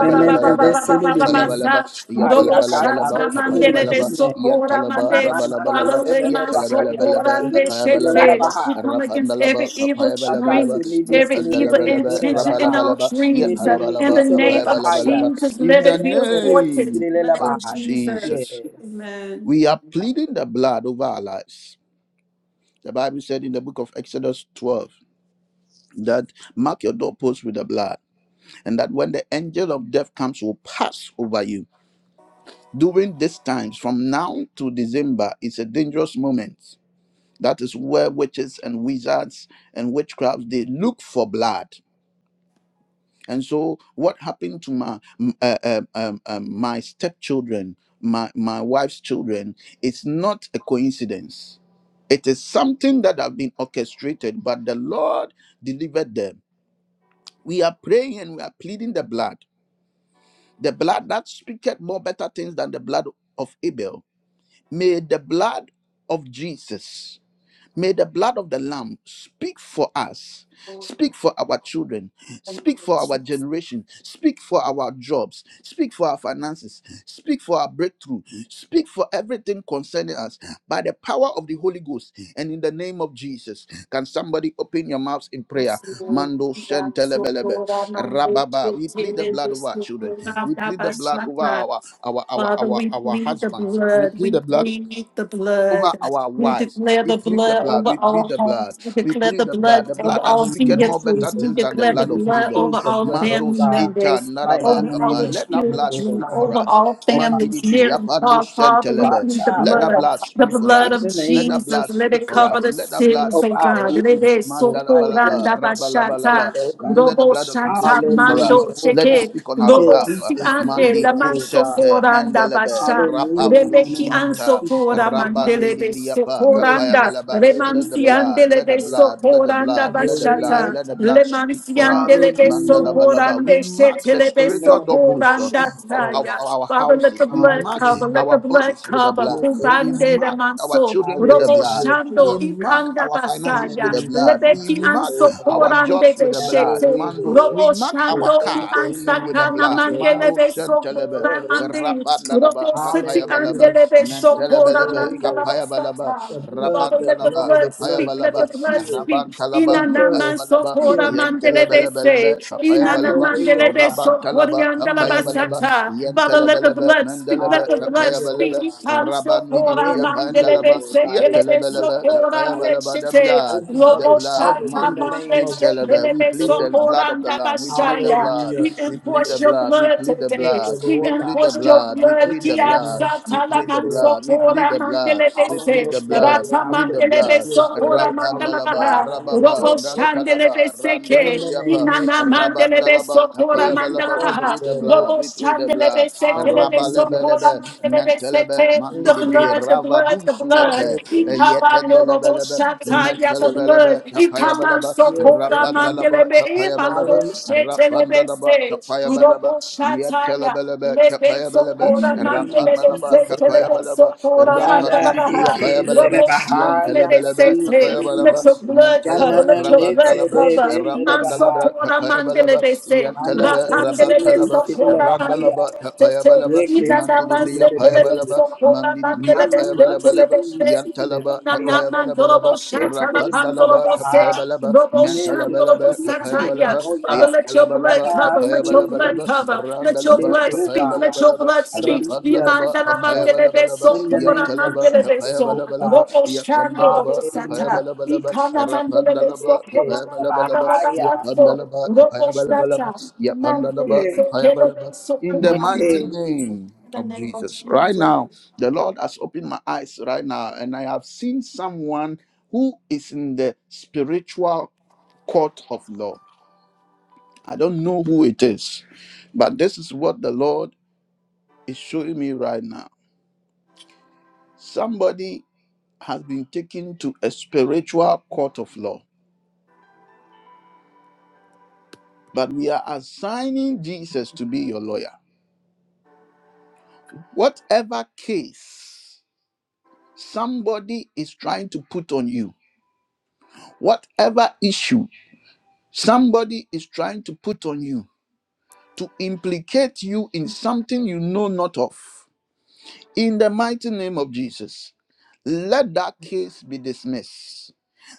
Me me me me se rike. Kapayabalabalaba, Aya kata Yapalabalabalaba, le se Kapayabalaba, rike me. Yantalaba, Ma ma ma se Rabalabalaba, Father, se let lele my bahaya. Yatalabalabalaba, sopora Kase rike lele Kapayabalabalaba, We bahaya. come against Rapandalaba, every evil Kapayabalabalaba, dream, Akasi lidi every sili evil lidi Yapandalabalaba, lidi la intention in baha. our Rabalabalaba, dreams. Lidi In Yapalabalaba, liki the sili la name of baha ya. Kapayabalabalaba. Jesus, In let the it be Meme sili lidi aborted. name In sili the la name of of baha. Yes. Jesus. Jesus, Amen. we are pleading the blood over our lives. The Bible said in the book of Exodus 12 that mark your doorposts with the blood, and that when the angel of death comes, will pass over you. During these times, from now to December, it's a dangerous moment. That is where witches and wizards and witchcrafts they look for blood. And so, what happened to my m- uh, um, um, um, my stepchildren, my my wife's children? It's not a coincidence. It is something that have been orchestrated, but the Lord delivered them. We are praying and we are pleading the blood, the blood that speaketh more better things than the blood of Abel. May the blood of Jesus May the blood of the Lamb speak for us, speak for our children, speak for our generation, speak for our jobs, speak for our finances, speak for our breakthrough, speak for everything concerning us by the power of the Holy Ghost and in the name of Jesus. Can somebody open your mouths in prayer? Mando shentelebelebe. Yasukura mande Rababa. We plead tutele the blood over our children. busukura We plead the blood over dabaswata. our our our Father, our, we our plead the husbands. We blood. We plead the blood plead the over blood. our We wives. declare We the plead the blood blood. over We plead our the blood. homes. We We declare plead the the blood. blood The over blood that our speaketh Hallelujah, more better vehicles. Jesus. We things than the declare the blood We of blood Abel. plead over the our blood, oh family Mandos God. eta members, Right now naraba in over the kapa. name our of Let that Jesus, blood oh children, speak for God. over us. our Oh God, families Mandibri near and apando far. oh Father, we God, sentelebe. plead the child, Let over that our blood, blood the speak finances, for in blood of us. the Let name of that Jesus. blood Let Jesus, speak it oh for God. cover us. the Let that blood cities, Of of speak our for God. us. Let businesses, it so Lord God. In the Mandalabalaba name of Jesus, oh rabalabalaba. Let God. the Robo blood of Jesus shata speak for Hallelujah, mando us. oh Let it God. cheke speak on our Lobo Lord, we behalf. si just thank ande Mandi la you, oh manso God. kosente foranda mendelebe basha. Hallelujah, in rapandus the Rebeki name of manta. anso Jesus, fora oh God. Rabandi mandele de libriyapa Yes, kapaya socoranda. God. balaba Let the Remansi Hallelujah, blood, andele let the de Jesus. blood, let the socoranda Have blood, your let the way, blood, oh bashata. let the God. blood speak Lemansi for us. andele de Mandala Hallelujah, balaba. We socorande mark the shetele de in the spiritual name of doorposts uh, socoranda of, of taya. Jesus. our Father, let the houses. We blood mark cover, let Hallelujah. our the blood bodies with the cover. blood. Yes, oh We God. Kubande de mark our manso. children with the Robo blood. Hallelujah, We shando Jesus. mark ikanda our In the finances with basaya. the name of blood. We Lebeki Jesus, mark oh anso God. our forande jobs with the Have your blood. de way, Mandos. Lord. We Robo mark Lord, our Shando thank ki you. cars In the name with the Ansaka of Jesus, blood. oh God. Namandelebe Mandos We thank you, Santelebe. Sokora Lord, oh The God. rapa Mandi, Robo City Hallelujah, Andelebe Jesus. Have Sokora your Mentelebelebe, way, oh Kapaya God. Balaba, Mandalabasata. The blood, Father, the let the Rabantalaba, blood, blood the Kapaya blood, speak, let heal, the Balaba, blood heal. speak. The Rabantalaba, Kapaya Inanaman blood, Balaba, Sokora heal, heal, oh Mandelebe God. Se, Yentelebelebelebe, Kapaya Have your Balaba, way, oh Inanamandelebe God. Sokori Rabantalaba, In the Kapaya name Balaba, Andalabasata. of Father, Jesus. let the Yentelebelebe, blood speak, let Mendelebe, the blood Kapaya Hallelujah, oh speak. Balaba, God. Ikan The Sokora Rabandidibriya blood heals, Pandalaba, Mandelebe Lord Se, God. It Kelebe heals, Yetelebelebe, Lord Kapaya Sokora God. It Balaba, the blood, Open up the Mandeshite, and we blood, cover in the Mandus name of enforce Jesus, Intelebe, we plead oh the God. blood of the Lamb, we plead the blood, Hallelujah, we plead the Jesus. your blood, we blood plead the Thank today. you, blood, We we Lord plead the enforce God. your blood, we blood. In plead the the Kia name blood. of We satala plead Jesus, the manso Lord blood. We God. plead kora the blood. mandele We Call on bese. plead your the blood, blood. Lord We Rata God. We plead the mandele depend on blood. your beso blood, kora Lord God. We mandala Rapandalaba, thrive baha. on your Rababa, Robo blood, oh God. shandele Rantalaba, bese In ke. the Randibiapa, name of Inana mandele Jesus. beso Rabandalaba, kora Thank you mandala Kapayabalaba. for We the baha. plead the blood, oh Robo blood. We God. plead the shandele blood. bese kele beso Hallelujah, kora Rabalebelebe, mandele Jesus. bese te. Mentelebe, The Thank you, Mandibri, Lord blood, God. the blood, the Ravadus I blood. feel Mete, Ika grace. Yetendelebelebe, Thank you, Rabanoroboshataya, the Lord. Mentelebelebe, blood. Kapayabalaba. Yes, Ikamansokoda oh Rapanda God. laba mandelebe, kapaya balaba. Hallelujah. Rapanda laba imandoshetelebese. kapaya balaba. Niatela Uroboshataya, balaba kapaya balaba. In lebesokoda the name of Rapanda mandelebese, laba Jesus, oh kapaya God. balaba. telebesokoda Rapandi Yada mandalabaha. libriya kapaya heke balaba. selebaha Yantela balaba yamasi Uroboshandelebesete. kapaya balaba. Let selebe. your blood Imantela cover, ba Yanana let your rabanda blood nete de cover. de labra. lelebaha. Rabandalabra Mansokoda Tapayabalaba mandelebese, Yantalaba Aneke telebe Rabantalaba rapandelebesokoda selebaha ya. Randalaba mandelebesete. Tapayabalaba Leke Mandilibria telebe ya. Payabalaba Inanamasekelebesokora Mandilibria Mama mati Payabalabalaba di mandelebesete. Yantalaba selebaha ya. Father, Tapayabalabalaba Ake telebe Rapandalaba selebaha. Tapayabalaba Neke Mantalabalaba telebe Tapayabalaba selebaha ya. let your blood Yantalabalaba Aka cover, let your blood Tapayabalabalaba selebe cover, let your Yes, Randalaba blood oh speak, God. let your Tapayabalabalaba blood speak. Hallelujah, Rapandalaba Imandala Jesus. mandelebe Tapayabalabalaba so, In the name kupura of Yantalaba Jesus, mandelebe so, oh Tapayabalabalaba God. robo shando robo Yapandalaba Hallelujah, sata. Tapayabalabalaba Ikana Jesus. mandelebe so, Rapandalaba, kuba Wicked, ba ba ba Kapayabalabalaba, ba ba ba Bahaya. so, Yapandalaba, robo Kapayabalabalaba, sata. Yapandalaba, Mandelebe Yes, so, kelebe Kapayabalaba. so, In the kupura mighty wicked. mandelebe. name In the of name of Jesus. Right Jesus. now, the Lord has opened my eyes right now, and I have seen someone who is in the spiritual court of law. I don't know who it is, but this is what the Lord is showing me right now. Somebody has been taken to a spiritual court of law But we are assigning Jesus to be your lawyer. Whatever case somebody is trying to put on you, whatever issue somebody is trying to put on you to implicate you in something you know not of, In the mighty name of Jesus, let that case be dismissed.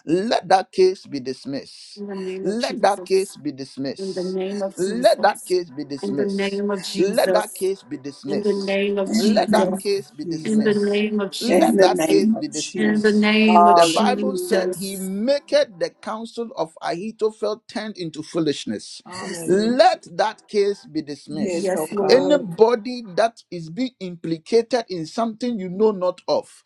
Let that case be dismissed. In the name of Let that Jesus. case be In the dismissed. name of Let that Jesus. case be In the dismissed. name of Let that Jesus. case be In the dismissed. name of In the Let that name Jesus. of case be In the Jesus. dismissed. name of In Let Jesus. the that case name be of In Jesus. the dismissed. name of The Bible said Hallelujah. he Jesus. maketh the counsel of Ahithophel turned into foolishness. Yes, Hallelujah. Lord. Let that case be dismissed. Yes, oh Yes, God. Lord. Anybody that is being implicated in something you know not of,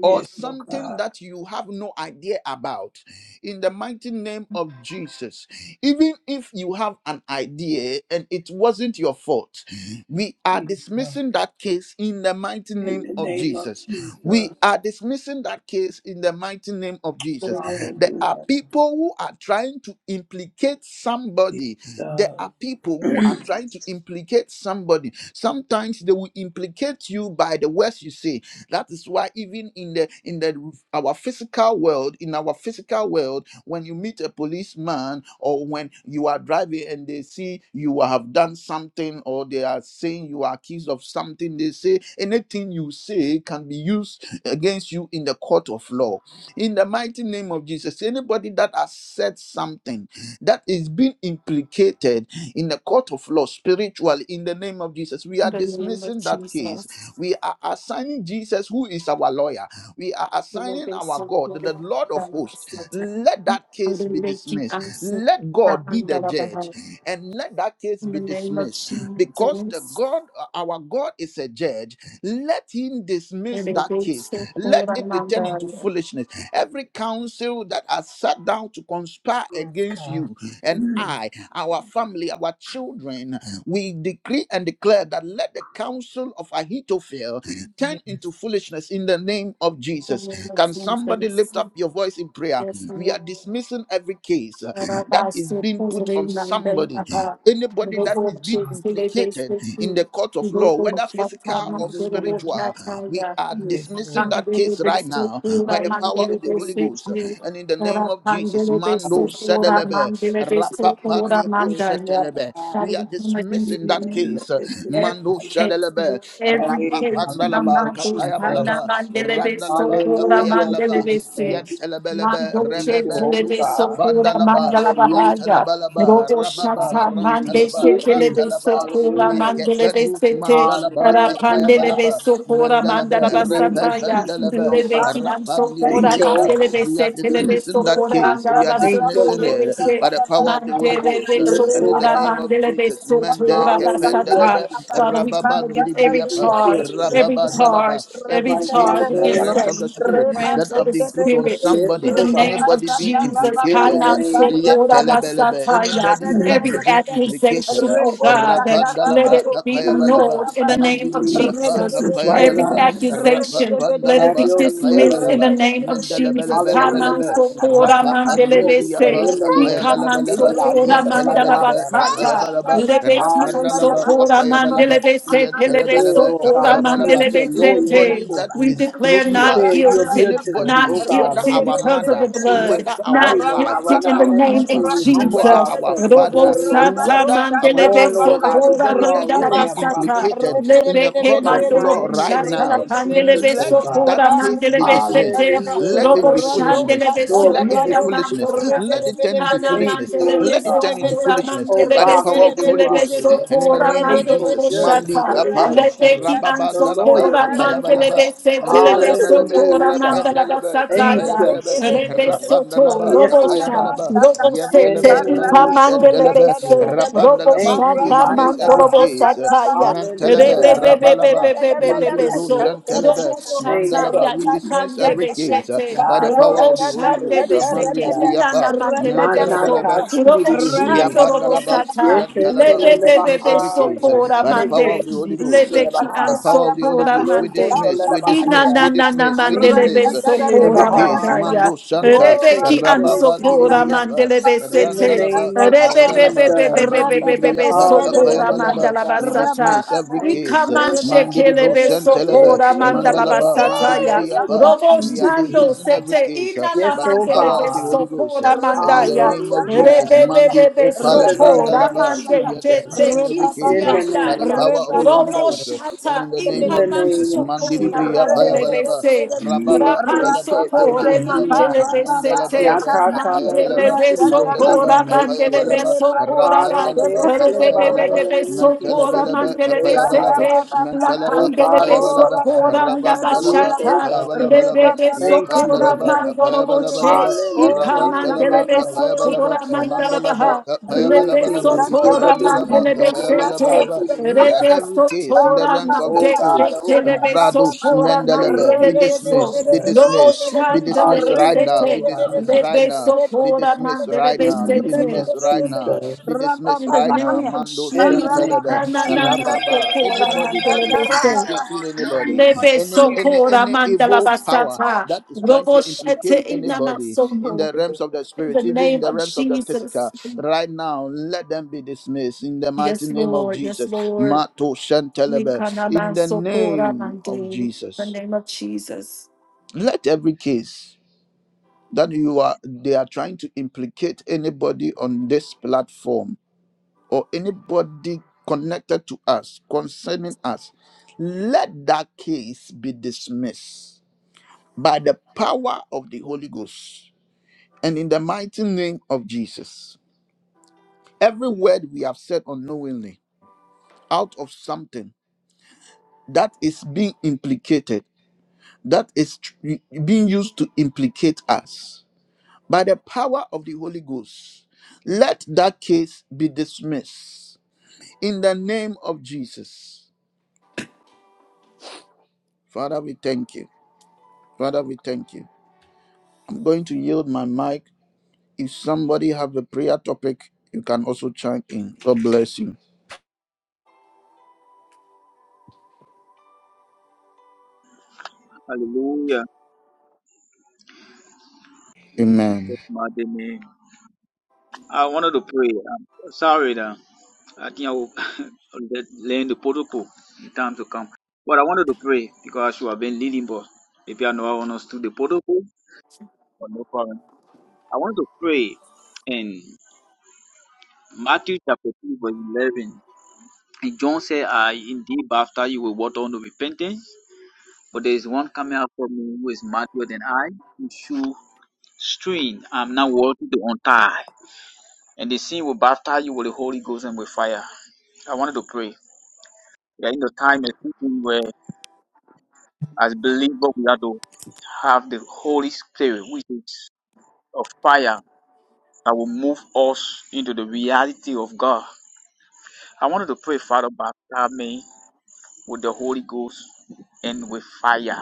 or oh something God. that you have no idea about, in the mighty name of Jesus, even if you have an idea and it wasn't your fault, we are Jesus. dismissing that case in the mighty In name the of name of Jesus. Jesus. We are dismissing that case in the mighty name of Jesus. There are Hallelujah. people who are trying to implicate somebody. There Jesus. are people who are trying to implicate somebody. Sometimes they will implicate you by the words you say. That is why even in the in the our physical world, in our physical world, when you meet a policeman or when you are driving and they see you have done something or they are saying you are accused of something, they say anything you say can be used against you in the court of law. In the mighty name of Jesus, anybody that has said something that is being implicated in the court of law spiritually, in the name of Jesus, we In are the name of dismissing that case. Jesus. We are assigning Jesus, who is our lawyer. We are We will assigning be our so God, good. the Lord of hosts. Let We that case will be make you dismissed. answer. Let God be In the judge the and let that case be name of dismissed because the Jesus. God, our God is a judge. Let him dismiss And it that will be case. so good. Let In it be turned into foolishness. Every council that has sat down to conspire yes, against God. you and Mm. I, our family, our children, we decree and declare that let the counsel of Ahithophel turn Yes, into foolishness in the name of the Jesus. Can name of somebody Jesus. lift up your voice in prayer? Yes, We are Lord. dismissing every case uh, Thank that is being put on somebody, anybody yes, that is being God. implicated in the court of law, whether physical or Hallelujah. spiritual. We are Yes, dismissing Lord. that case right now by the Right now, power in of the the Holy name of Ghost uh, and Jesus. in the name of Jesus. Mando Hallelujah. sedelebe, We pray rapapa for niko blessing of the setelebe. high. We are you. We dismissing need that to case. uh, blessing of the Every Mando high. case, sedelebe, Lord, every Hey, case, Rapapanbalaba, Hallelujah, Namandos, Jesus. Kapayabalaba, Namandelebe, Randalaba, Sokora, Hallelujah, Kapayabalaba, Mandelebe, Se, Jesus. Yantelebelebe, Thank Mandoche, you, Rebebe, oh Telebe, God. Sokora, Nuskafandalaba, Hallelujah. Mandalabahaya, Yantelabalaba, Rodo Rababa, Shata, Hallelujah. Mande, Rantalaba, Give me. Sekelebe, Rantalaba, Sokora, Hallelujah. Mandelebe, Mekependus Sete, Mandalaba, Hallelujah, oh Tarapandelebe, Kapayabalaba, God. Sokora, In Mandalaba, the name of Mandalabasataya, Jesus, Repependelebe, oh Delebe, God. Stop! Kiam, Thank Sokora, you, oh Rapandidibriyapa. God. Mandelebe, We are Setelebe, dismissing that Rebo Sokora, case. sata We are Thank you, dismissing Mandalabasotore, Lord rapato, it Jesus. by Bese, the power of the reba Holy Mandele Ghost. Yes, And oh in the God. besotora, name of mandele Jesus, Mende besotora Hallelujah, basata. Kependelebe, Jesus. Father, we come against every Rababandidibriyapa, Thank charge, you, oh every God. charge, Rababandalaba. every Every Right now, in the charge case in the name against realms of us of Jesus. the in the spirit that realms of have the been put on spirit. Yes, somebody, In the oh God. name of anybody being Jesus, In implicated, the uh, kanan name yeah, sotora telebelebe, basataya. anybody that every is being implicated, accusation, uh, oh God, let Rapandalaba, it be of Jesus. Kapayabalaba, annulled in Right the now, papa, in name the of name of rebe Mandidibriyapa, de Jesus. de Jesus. de de Right de Every now, de, in Kapayabalaba, the name. rebe de accusation, de de de de let de, it Have be Rapapandalaba, your way, dismissed in Lord. the rebe Kapayabalaba, de de name of de de de de. Jesus. Rabba Hallelujah, Kaman Mendelebelebelebelebe. Lord so Rapa God. kora Lord, mandelebe we Rapapandibriapa, se. surrender, Tapaya Lord God. Ikaman We so Balabalaba, allow you kora to fight mandala our Yantalabalaba, battles, oh Tapaya God. basata. Balaba, Lebe kiman so Rapandalaba, Hallelujah, kora Tapaya Jesus. Balaba, mandelebe se. You Telebe said, so Yantalabalaba, Lord God, kora Tapaya that you will Balaba. be a mandelebe se lawyer in the Anybody te. that We courtroom. is Repete, declare close You to not said us, you will be a guilty, judge, anybody, oh not God, whether guilty Lord our God. because of the mother, We blood, just whether our pray, not Lord wife, God, guilty right whether now in in the our the name name of of Jesus, husband, we humble whether Jesus. our ourselves before Robo father, you, oh sata God, whether our mandele knowing, children, beso Lord God, that tora you anybody that is mandala already being have got the basata implicated choice. in the lebe ke court Right of now mandoro law in the right bushata name la now, of pandele Jesus, oh let beso God. that tora case mandele be dismissed. besete Hallelujah, Let oh it robo be Lord. shandele foolishness. beso Lord, we Let it be thank you, foolishness. mandora Jesus. Let it turn into Hana Thank you, foolishness. mandele oh Let it beso turn God. into tora foolishness Oh mandele by the Father, power of that the besete you Holy le are, Ghost. beso Lord. And in the tora name of mandoro Faithful Jesus, judge. Mandi bushata Kappa, Hallelujah, lebe Jesus. ki The anso Rababandalaba, lawyer, tora Lord mandele God. Kapayabalaba. Rapa besete le Mandala beso Hallelujah, balebe, tora oh God. mandala rependelebe, basata kepaya Thank ya you, belebe, Jesus. Rebesoto, rapandalaba, Yes, oh kapaya Robosa, God. balaba, In the yentelebe, name Robosete, mandu of Jesus, mandele shentelebe, bese, Lord. robo rapandalaba. Thank We you, sata mighty dismiss every God. mandorobo case. sataya, rebe be Mantelebe, be Hallelujah. be be rabalaba, be be Thank be be you, mandilibro Lord. so, robo shentelebe, Thank you, sataya, mandalaba. We dismiss ikande Jesus. every case uh, besete, by the power robo Yahweh. of the Holy shande Ghost. beseke, Hallelujah. inana Mandilibriapa, mandele beso, Nantalabalaba. robo Manakasirihe. shando robo Yapandalaba, sata, Yantalaba, lebe we be be dismiss every so case uh, Yeketelelebahaya, pora by the power of mande, the Holy Ghost. Rabba uh, lebe The nanekutidisikelebahaya, anso power of the Holy pora Ghost, we mande. dismiss, we Ina dismiss, na we ilokotelelebahaya, na na dismiss, we mandelebe dismiss uh, every sokora case. minikisikelebahaya, mandaya. Mando Shanta, Rebeki an Rabba sokora yemeketelesididihi. Bandiribriapa, mandelebe In the sete. Randalaba, name of Kapayabalaba, Jesus, Rebebebebebebebebebebe Mandiribriapa, sokora hallelujah, Kapayabalaba, mandala we God. basata. dismiss every Thank case. you, uh, Ikaman oh God. Mandiribro shekelebe Shantalaba, sokora mandala Mandalaba, basata Yeketelebahaya, ya. Mandiribriapa, Robo we are shando menekisididihi. dismissing every sete case uh, inana Yes, by the oh power of mandelebe the God. Holy Ghost. uh, sokora Jesus and in the mandaya. name of Jesus. Hallelujah. Mandi Rebebebebe ko In the palavranda name sokora of laba. mande We are Jesus. chete dismissing every case In uh, the name by the kisiandaya. of power of the Holy Jesus. Romo Ghost uh, and shata in the name In the of name Jesus. of ikamanso Mandi kora libriya Rapa, mandele Jesus. payabalaba. bese Rababa rapanso talaba Come kore kapayabalaba. Yeketebebehina. mandele bese te Mandalabalaba Yakatala kapayabalaba. mandele lishri beso Mandalaba behenya kora mandele lishri. kapayabalaba. beso kora da Rapandalaba Anakes lele rebe kapayabalaba. bebe bahanya beso nilishi kora sikhi Mantalabalaba mandele lele bese kapayabalaba. bahaya. te la Mentalaba Oh mandele God, oh beso kapayabalaba. God. kora nda Yes, Rabandalaba oh bashata God. kapayabalabalaba. Lebede Thank you, oh sokora Yapandalaba God. mandoro kapayabalabalaba. boshe, ika Hallelujah in the Rabantalaba, mandelebe name of Kapayabalaba, sokora Jesus. mandala Mandalaba, lebe Yeke, Kapayabalabalaba, sotora Randalaba, yebebehina, mandelebe sete, nanakati Kapayabalabalaba. Let rebe lishri. on, every case in the sotora realms of the Oh mande God, spirit, oh shete God. lebe Brados, Thank Mandalaba, be you, mandelebe so, dismissed, be Jesus. lobo dismissed, be dismissed shandelebe right Hallelujah, now, oh be sete, dismissed God. right lebe now, be sokora dismissed right mandelebe In now, the be name sete. of dismissed right now, Jesus. be dismissed In the right Come now. name here. of Mando In the Jesus, name Shantalaba, of Jesus. ananama Rababa, sokora anybody that mandelebe is se. implicating In the anybody, name of Lebe any any sokora any mandala evil power basata. that is trying to Robo shete implicate ina anybody in the realms of the In the spirit, even in name the of realms of the Jesus. physical. Right now, let them be dismissed in the mighty Yes, name of Lord. Yes, Jesus. Lord. Mato Shantelebe, Likana in the masokora name mande. of In the Jesus. name of Jesus. Let every case that you are they are trying to implicate anybody on this platform or anybody connected to us concerning us let that case be dismissed by the power of the holy ghost and in the mighty name of jesus Every word we have said unknowingly out of something that is being implicated, that is tr- being used to implicate us. By the power of the Holy Ghost, let that case be dismissed in the name of Jesus. Father, we thank you. Father, we thank you. I'm going to yield my mic. If somebody have a prayer topic, you can also chime in. God bless you. Hallelujah. In Amen. Jesus' mighty name. I wanted to pray. I'm sorry that I think I will let learn the protocol in time to come. But I wanted to pray because you have been leading, but maybe I know I understood the protocol. But no problem. I want to pray and. Matthew chapter 3, verse 11. And John said, I indeed baptize you with water unto repentance, but there is one coming after me who is mightier than I, whose shoe string I'm not worthy to untie. And the sin will baptize you with the Holy Ghost and with fire. I wanted to pray. We are in the time and season where, as believers, we have to have the Holy Spirit, which is of fire, that will move us into the reality of God. I wanted to pray, Father, baptize me with the Holy Ghost and with fire.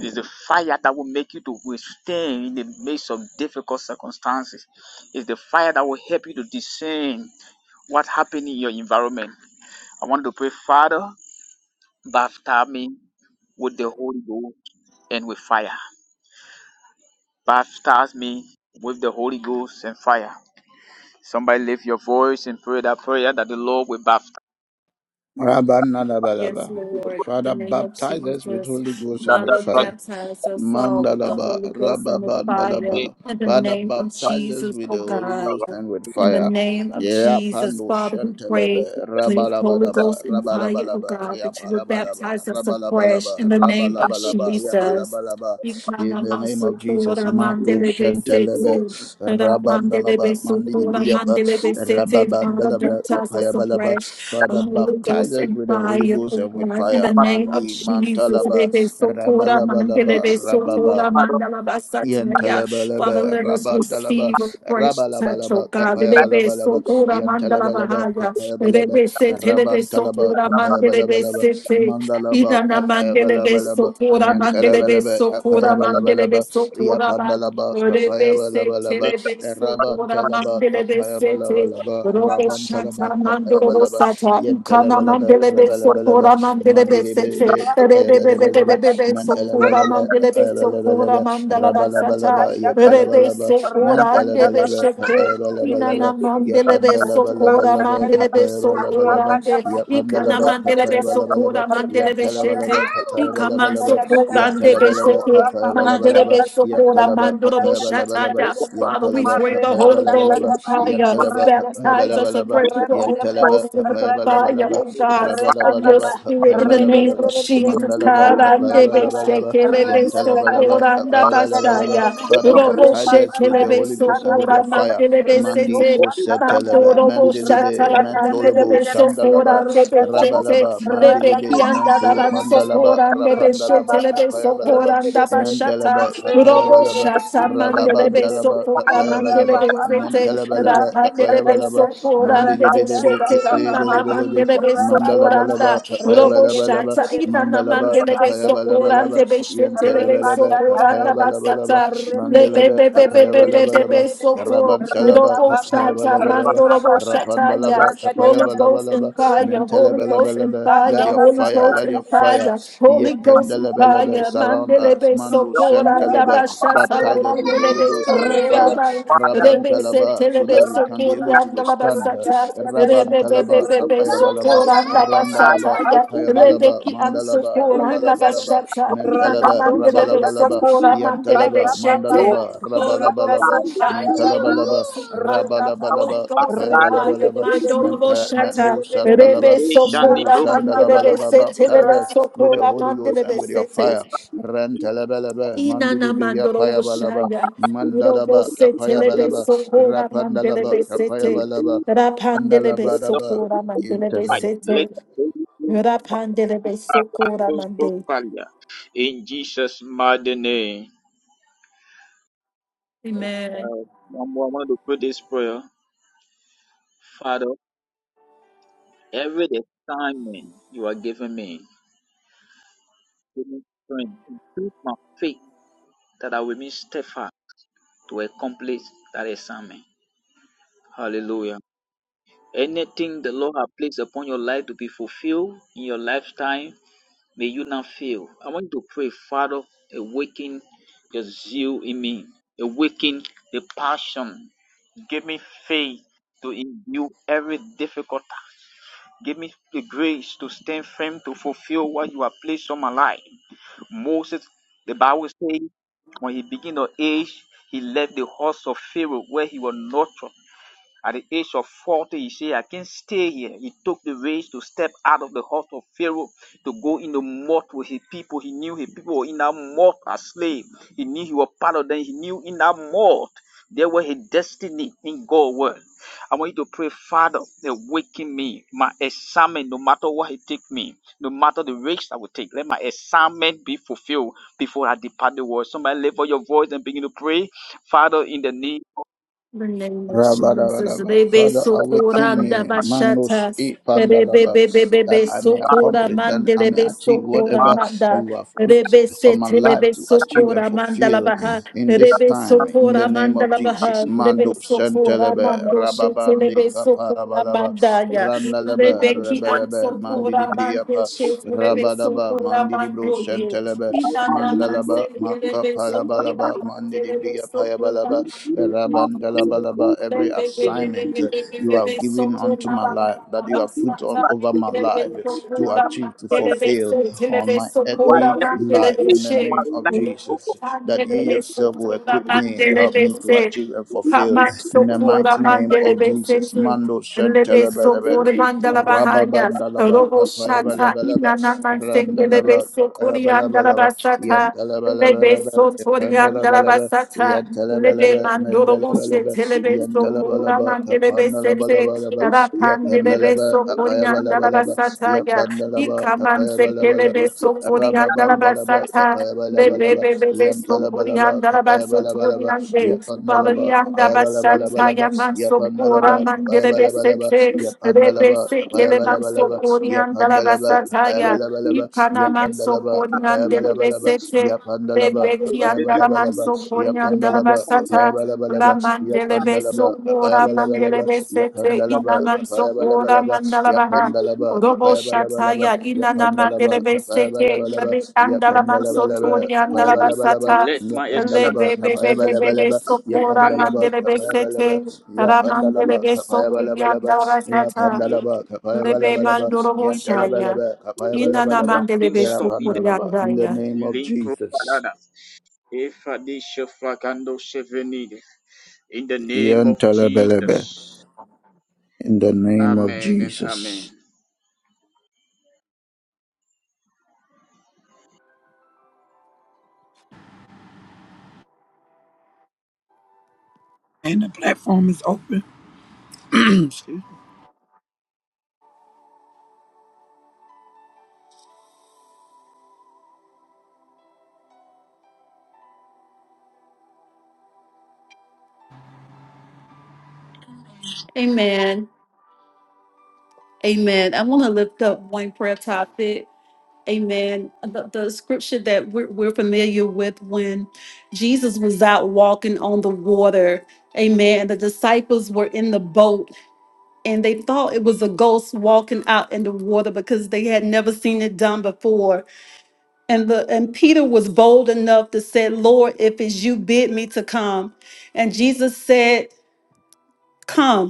It's the fire that will make you to withstand in the midst of difficult circumstances. It's the fire that will help you to discern what happened in your environment. I want to pray, Father, baptize me with the Holy Ghost and with fire. Baptize me with the Holy Ghost and fire. Somebody lift your voice and pray that prayer that the Lord will baptize. Yes, Rabbanalabalaba. Lord. In the Father, name of baptize us with Jesus. Holy Ghost and Let with us Father, fire. baptize us all with the Mandalaba, Holy Ghost and the fire. pray, Rababandalaba. In the Father, name of baptize us Jesus, with oh the Holy God. Ghost and with In the fire. name of Yeah, Jesus, Pando Father, we pray Shantelebe, for the Holy Ghost Rabalabalaba, and fire of Rabalabalaba, God that you would Yapalabalaba, baptize us afresh in Rabalabalaba, the name of Rabalabalaba, Jesus. Yabalabalaba. In the name of Jesus, Ikamasukura Mato mandelebe sete. Shantelebe, Rapandelebe Rabandalaba, sukura Mandidibriyapa, mandelebe sete. Father, Rababandalaba, baptize us Kapayabalaba. afresh. The Father, Holy baptize Ghost us and with the Holy fire, O Ghost and with God, in fire. the name of Mandi, Jesus. Mantalaba, Rebe sukura Rabalabalaba, mandelebe Rababa, sukura mandalabasataya. Father, Yantalabalaba, let us Rabandalaba, receive a fresh touch, O Rabalabalaba, God. Rebe Kapayabalabalaba, sukura Yantalabalaba, mandalabahaya. Kapayabalaba, Rebe sete, lebe Rabantalaba, sukura mandelebe Kapayabalabalaba, sete. Ida Mandalaba, na mandele beso, Kapayabalabalaba, pura Nantalabalaba, sokora Kapayabalabalaba, mandelebe sokora ban Yapandalaba, rebe se Kapayabalabalaba, telebe sokora Rabantalaba, mandelebe sete Kapayabalabalaba, robe shata Rabantalaba, mandorobo Kapayabalaba, sata ikana Yantalabalaba, mandelebe Rabalabalaba, sokora mandelebe sete Mandilibelebe, Kapayabalabalaba, Jesus. rebebebebebebe sokora Nantalabalaba, mandelebe Kapayabalabalaba, sokora mandalaba sata Rabalabalaba, rebe Yapalabalaba, sekora andebe Nantalabalaba, sheke Inana Kapayabalabalaba, mandelebe sokora Yapandalabalabalaba, mandelebe Kapayabalabalaba, sokorande. Ikana Yapandalaba, mandelebe Kapayabalabalaba, sokora mandelebe Yantalabalaba, shete. Ikaman Kapayabalabalaba, sokorande Yantalabalaba, besete. Kapayabalabalaba, Mandelebe sokora Oh, Yantalaba, Repete, mandorobo Kapayabalabalaba, shataya. Father, we Yantalaba, pray the Holy Ghost Kapayabalabalaba, in fire. repete, Yantalaba, Baptize us Kapayabalabalaba, afresh with the Holy Yantalaba, Ghost and with the repete, fire, Kapayabalabalaba, oh God, of your Rabalabalaba, repapa, spirit in the name Repetete, of Kapayabalabalaba, Jesus. Mandalaba, Karandebe Repapa, Kapayabalabalaba, shekelebe so Repetete, Yantalabalaba, koranda Kapayabalabalaba. bastaya. Father, Repetete, Robo baptize us with Repapa, your shekelebe Holy so Ghost and with kora your Arapato, fire. mandelebe Reto Mandi sete. Mando kosetelebe, Chakarapata, robo mandilibe, shatala Repetete, mandolebo, pandelebe so sandalaba, korande Repetete, bechete. rabalaba, Lebe mandilibe, kianda mento, daban so Repetete, mandalaba, korande rapandalaba, Repapa, bechetelebe Repete, so kapayabalaba, koranda bashata. mandalaba, Robo kapayabalaba, shata mandelebe so rababandalaba, kora kapayabalaba, mandelebe sete. mentalabalaba, Rapandelebe kapayabalaba, so korande mandilibilebe, bechete. Inana kapayabalabalebe, mandelebe socoranda, mandalabalaba, robo kapayabalabalaba, shata inana mandalaba, mandelebe kapayabalabalaba, socorande beshetelebe Yentelebelebe, socoranda Hayabalabelebe, basata, Mandelebe, lebebebebebebebe Hayabalabalaba, soko, Rabantalaba, robo shata Hayabalabalaba, mandorobo shata ya, Rapandalaba, Holy Ghost Hayabalabalaba, in fire, Holy Ghost in Mentelebelebelebe. Let fire, your Holy fire, Ghost let in your fire, fire, Holy Ghost in Rapapa, Yetendelebelebe, fire, surround us. mandelebe Mandu socoranda Shentelebe, basata, baptize us with Holy salamandelebe Ghost and with fire. socoranda, Rebe se Rabantalaba, so telebe that we can be sokori able to anda la withstand. basata. Rebe be be Rabantalaba, be be Kapayabalaba, sokora Randalaba, basata ya. Rebe Kapayabalaba, ki an Mandalaba, sokora anda Rabalabalaba, basata. Ina na Mentalaba, mandele be Rabalabalaba, sokora mandele be Yantalaba, shete. Mandalaba, Holy Ghost Rabalabalaba, and fire, Holy Mantalabalaba, Ghost and fire, Holy Rabalabalaba, Ghost and Baptize me with the fire, Kapayabalabalaba, Holy Ghost Mando Menta, Boshata, Mendu Rebe Sandalaba, They shall need Mendu Sokora, proof of Mandele Sandalabalaba, Besete, baptize Rebe us with your Sokora, Holy Ghost Mandele and with your the Besete, fire. Rentalabalaba, Inana Mandidibiya mandoro Payabalaba, shaya. Irobo Mandalaba, sete lebe fire. Kapayabalaba, sokora Rapandalaba, mandelebe sete. Kapayabalaba, Rapandelebe Andalabaraba, sokora mandelebe Intelem. Let sete. the Holy Spirit Rapandelebe arise sokora those mande. In Jesus' mighty name. Amen. Uh, I'm- going to put this prayer. Father, every assignment you are giving me, give me strength, increase my faith that I will be steadfast to accomplish that assignment. Hallelujah. Anything the Lord has placed upon your life to be fulfilled in your lifetime, May you not fail. I want you to pray, Father, awaken the zeal in me, awaken the passion. Give me faith to endure every difficulty. Give me the grace to stand firm to fulfill what you have placed on my life. Moses, the Bible says, when he began to age, he left the house of Pharaoh where he was nurtured at the age of 40, he said, I can't stay here. He took the race to step out of the house of Pharaoh to go in the mud with his people. He knew his people were in that mud as slaves. He knew he was part of them. He knew in that mud there was his destiny in God's word. I want you to pray, Father, awaken me, my assignment, no matter what it takes me, no matter the risk I will take, let my assignment be fulfilled before I depart the world. Somebody lift up your voice and begin to pray, Father, in the name. the name of Jesus. Rabadabadaba. Rebe Father, sokora awaken me, ndabashata. Manos e Rebe Pandalaba, bebe that bebe I may sokora accomplish, that I may mandelebe achieve sokora whatever manda. you have put Rebe on my life setelebe to achieve and sokora fulfill mandalabaha. in this Rebe time, in the sokora name of Jesus. mandalabaha. Rebe Mando sokora Shantelebe, mando Rababandi shetelebe sokora Kaparabalaba, mandaya. Randalebe, Rebe ki am Rebelebe, sokora mande Mandidibriapa, shetelebe Rabadaba, sokora Mandidibro mandoye. Shantelebe, Idana of Mandalaba, manse rebe sokora Makapalabalaba, Mande, We Mandidibriapayabalaba, need not think or Rabandalabalaba, every think assignment uh, you have given unto my life, that you have put on over my life uh, to achieve, to fulfill on my earthly whatever to life in place the on my name of life. Okay, Jesus, that you yourself will equip me, help me to Mandele achieve and fulfill Kamak in the sokora mighty name mandele of Jesus. besese. Mando Lebe Shantelebelebe. sokore mandala bahaya. Rababandalaba, Robo shata Kapayabalabalaba, inana mansenge lebe Randalaba, sokori andala Kapayabalabalaba, basata. Lebe Yantalabalabalaba, sotori andala Epandalabalaba, basata. Yantalabalaba, Lebe mandoro Mendalabalaba, busete lebe sokora Yantalabalaba, mandele besese. Kapandalabalabalaba, Yapandalaba, Rapandele andala Kapayabalabalaba, basata ya. Yapandalaba, Ikaman sekele Kapayabalabalaba, be sokori andala Rababandalaba, basata. Le be Kapayabalabalaba, be be be sokori Yantalabalaba, andala basotori Papayabalabalaba, ande. Pavali Yapanalaba, anda basata Papayabalabalaba, ya man sokora Yapanalaba, mandele be Papayabalabalaba, sete. Le be Yapanalaba, sekele man Papayabalabalaba, sokori andala Yapandalaba, basata ya. Papayabalabalaba, Ikana man Yapandalaba, sokori andele be Papayabalabalaba, sete. Yapandalaba, we can do Rebekiandara Papayabalabalaba, something, manso koriandara Yapandalaba, we can lift basata. La Papayabalabalaba, mandele Yapandalaba, beso kora mandele Papayabalabalaba, besete. my Ina Yapandalaba, manso Balaba, Yap and Balaba, Robo Capaya Balabalaba, shataya ina na mandele Yapandalaba, Kapaya beseke. Balabalaba, Rebekiandara manso Yapandalaba, Kapaya koriandara Balabalaba, basata. Let my action Yapandalabalaba, Kapaya Rebebebebebe Balabalaba, sokora run it Yapandalaba, mandele Kapaya Balabalaba, besete. Yapandalaba, Ramandele beso Kapaya Balaba, koriandara basata. Yapandalaba, Kapaya Balabalaba, Yapandalaba, Kapaya Rebe Balabalaba, mandoro boshaya. Yantalabalaba, Kapaya Ina na and Balabalaba, mandele nothing stop in the Yapandalaba, in the name of link Jesus. Ropadada. If I did Shafrakando Chevenid. In the name of Yantalabalaba, Jesus. in the name of Amen and Jesus. amen. And the platform is open. Amen. Amen. I want to lift up one prayer topic. Amen. The, the scripture that we're, we're familiar with when Jesus was out walking on the water. Amen. The disciples were in the boat and they thought it was a ghost walking out in the water because they had never seen it done before. And the and Peter was bold enough to say, Lord, if it's you bid me to come. And Jesus said, Come.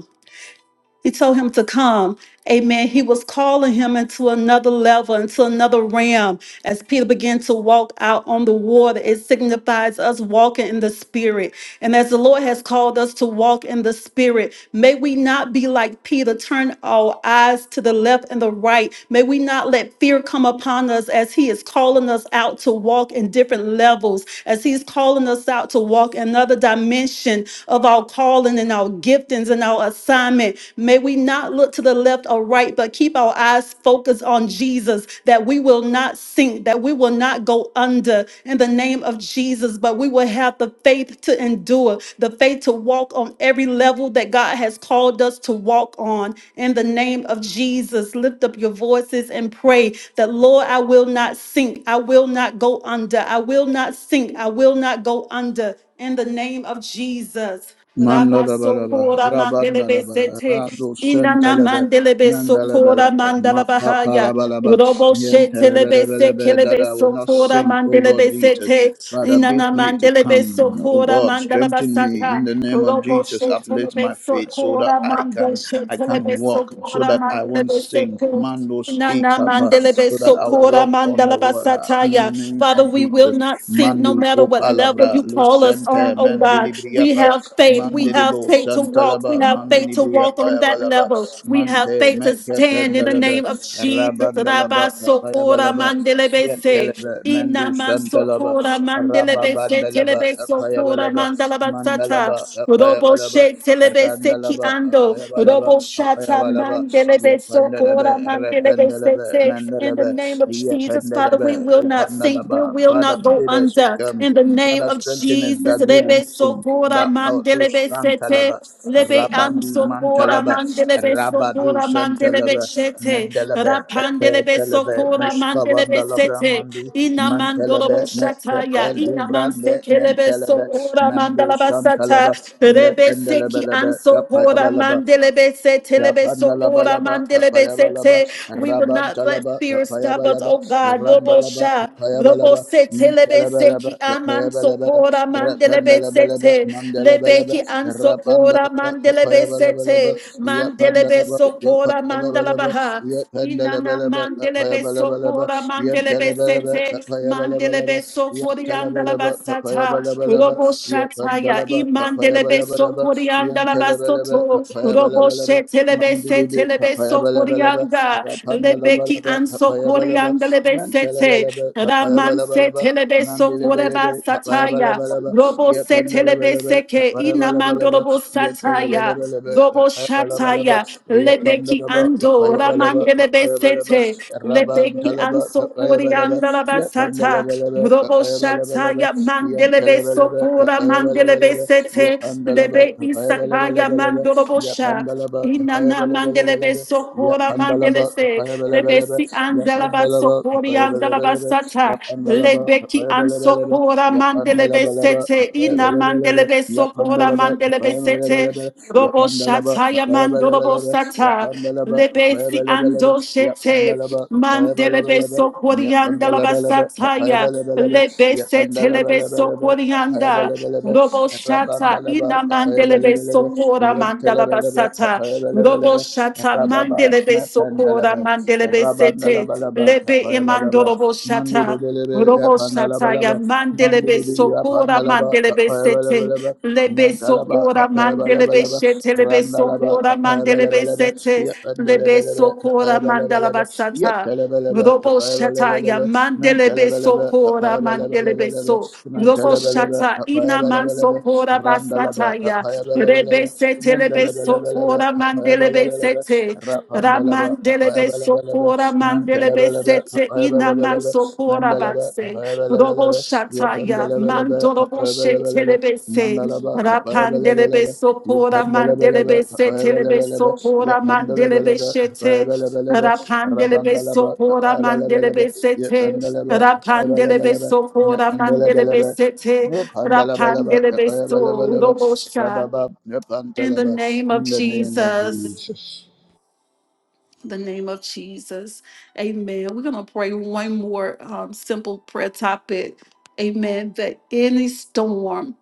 He told him to come. Amen. He was calling him into another level, into another realm. As Peter began to walk out on the water, it signifies us walking in the spirit. And as the Lord has called us to walk in the spirit, may we not be like Peter, turn our eyes to the left and the right. May we not let fear come upon us as he is calling us out to walk in different levels, as he's calling us out to walk another dimension of our calling and our giftings giftings and our assignment. May we not look to the left or right, but keep our eyes focused on Jesus, that we will not sink, that we will not go under in the name of Jesus, but we will have the faith to endure, the faith to walk on every level that God has called us to walk on. In the name of Jesus, lift up your voices and pray that, Lord, I will not sink, I will not go under, I will not sink, I will not go under. In the name of Jesus Mandalabalaba, sokora mandelebe Rabandalaba, sete. Rado Inana Sentelebe, mandelebe sokora Mandalabalaba, mandala bahaya. Makapalabalaba, Robo shetelebe Yentelebelebelebe, that sekelebe I will not sokora sink, O Lord mandelebe Jesus. sete. Father, Inana bid me to mandelebe come. O sokora God, mandala strengthen me in basata. the name of Robo Jesus. Uplift shetelebe my faith so that sokora I mandel can I shetelebe can walk, so sokora that I won't mandelebe sink. sete. Mandos Nana ikapa, mandelebe so that I'll sokora walk on the mandalaba water in the sataya. name Father, of we will Jesus. not sink no Mandi matter what level Kopalabra, you call us Lucente, on, oh God. We Mandilibriapa, have faith. We have Mandiribo, faith to walk. We Santalaba, have faith to walk on Mandilibriapa, that Abalaba, level. We have Mante, faith to stand in the Mekependalaba, name of Jesus. Rabandalaba, Raba sokora Payabalaba, mandelebe se. Yetelebe, Ina Mendu Santalaba, mansokora mandelebe se Rababandalaba, telebe sokora Payabalaba, mandala basata. Mandalaba, Robo Payabalaba, she telebe seki Randalaba, ando. Payabalaba, Robo shata Payabalaba, mandelebe sokora Yapandalaba, mandelebe Rependalaba, sete. In the Mandelebe, name of Jesus, Father, we Yependelebe, will not sink. We Upandalaba. will Father, not go bid us to under. come. In the name name Father, of strengthen us Jesus. that we lebe won't sink. sokora That Badu mandelebe sete. Santalaba, Lebe am Rabandi sokora Mantalaba, mandelebe Rabadu sokora mandelebe Santalaba, sete, Mandelebe, Rapandelebe Epepelebe, sokora mandelebe Nuspavandalabra sete. Mandi, Ina mandorobo Mantelebe, shataya. Mekrepe, Ina man Luvrande, sekelebe Mantelebe, sokora Mando Santalaba, mandalabasata. Rebe seki Yependelebelebe, anso kora Kapayabalaba, mandelebe se telebe so kora Yapandalabalaba, mandelebe se Kapayabalaba, te. We will not let Rabantalaba, fear stop us, Kapayabalaba, oh God. Lobo Randalaba, sha, lobo Kapayabalaba, se telebe Mintalabalaba, seki aman so Kapayabalaba, kora mandelebe se Rapandalabalaba, te. Mandalabalaba, Lebeki anso kora Rapandalaba, mandelebe se Kapayabalabalaba, te. Mandelebe Yapandalaba, so kora Yapandalabalaba, mandalabaha. Inana Yapandalabalaba, mandelebe Kapayabalabalaba, sokora mandelebe Yantalabalaba, sete Kapayabalabalaba, mandelebe sokori andala Yantalabalaba, basata Kapayabalabalaba, robo shataya Yapandalaba, imandelebe Kapayabalabalaba, sokori andala Yantalabalaba, basoto robo Kapayabalabalaba, shetelebe Mandilebe setelebe kapaya sokori balabalaba, anda rapanda lebeki labalaba kapaya ansokori balaba, andelebe mantala sete balaba kapaya raman balabalaba, setelebe sokore mandilebelebe kapaya basataya balabalaba, robo yapanda setelebe labalaba seke kapaya balabalaba, inamandorobo yantala sataya Shataya, balabalaba Robo kapaya balabalaba, Shataya, yapanda Lebeki laba Ando, kapaya balaba Ramandebe kapaya balaba, Sete, rabanta Lebeki laba Anso kapaya balaba, Koriandala yapanda Basata, labalaba Robo kapaya Shataya, balabalaba, Mandelebe Telebelebe, Sokora, Mandelebe Papayabelebelebe, Sete, Yapandalaba, Lebe Isakaya, Papayabelebelebe, Mandorobosha, Yapandalaba, Inana Mandelebe Papayabelebelebe, Sokora, Yapandalaba, Mandelese, Papayabelebelebe, Lebesi Andala Yapandalaba, Basokori Andala Papayabelebelebe, Basata, Yapandalaba, Lebeki Papayabelebelebe, Ansokora, Mandelebe Yapandalabalaba, Sete, Ina Papayabelebelebe, Mandelebe Sokora, Yapandalaba, Mandelebe Sete, Papayabelebelebe, Robo shata Yapandalaba, Shataya Mandorobo Papayabelebelebe, Sata, Yapandalaba, Lebesi Ando Papayabelebelebe, Shete, Pandalaba, Mandelebe Payabalaba, Yet Sokwarianda Pandalabalaba, Labasataya, Payabalabalaba, Yet Lebese Telebe Pandalabalabalaba, Sokwarianda, Payabalabalaba, Robo Shata, Rabandalaba, Ina Mandelebe Payabalabalaba, Sokora Yet Mandala Talabalaba, Basata, Robo Payabalabalaba, Shata, Rababa, Mandelebe Sokora Napandalaba, Mandelebe Sete, Rabandalabalaba, Lebe Payabalaba, Imandorobo Mandi de Shata. Delebe, Robo Pandalabalaba, Shataya Mandi Mandelebe de Sopora Pandalaba, Mandelebe Sete Payabalabalaba, Lebe Mandalaba, Sopora Mandelebe Tapayabalabalaba, Shete Lebe Randalaba, Sopora Mandelebe Tapayabalabalaba, Sete Lebe Yapandalabalaba, Sopora Tapayabalabalaba, Mandalaba Sata Yetalabalaba, Robo Shataya Tapayabalabalaba, Mandelebe Nantalabalaba, Sopora Mandelebe Tapayabalabalaba, So Robo Mantalabalaba, Shata Ina Man Tapayabalabalaba, Sopora Randalaba, Basataya Tapayabalabalaba, Rebe Sete Lebe Mandalabalabalaba, Sopora Mandelebe Tapayabalabalaba, Sete Rapandalaba, Ramandelebe Tapayabalabalaba, sokora mandelebe Nantalabalaba, sete ina man Tapayabalabalaba, sokora Mandalaba, batse. Robo Tapayabalabalaba, shataya Yapandalabalaba, mandorobo Tapayabalabalaba, shetelebe se. Nandalaba, Rapandelebe Kapayabalaba, sokora Yapandalabalaba, mandelebe setelebe Kapayabalabalaba, sokora mandelebe Yapandalabalaba, shete. Kapayabalabalaba, Rapandelebe Rabandalaba, sokora Kapayabalabalaba, mandelebe sete. Yapandalaba, Rapandelebe Kapayabalabalaba, sokora mandelebe Yapandalabalaba, sete. Yapandalabalaba, Rapandelebe so Kapayabalabalaba, robo sha. Rababa, In the Yapantalaba, name of in the name of Jesus Jesus. the name of Jesus. Amen. We're going to pray one more um, simple prayer topic. Amen. That any storm,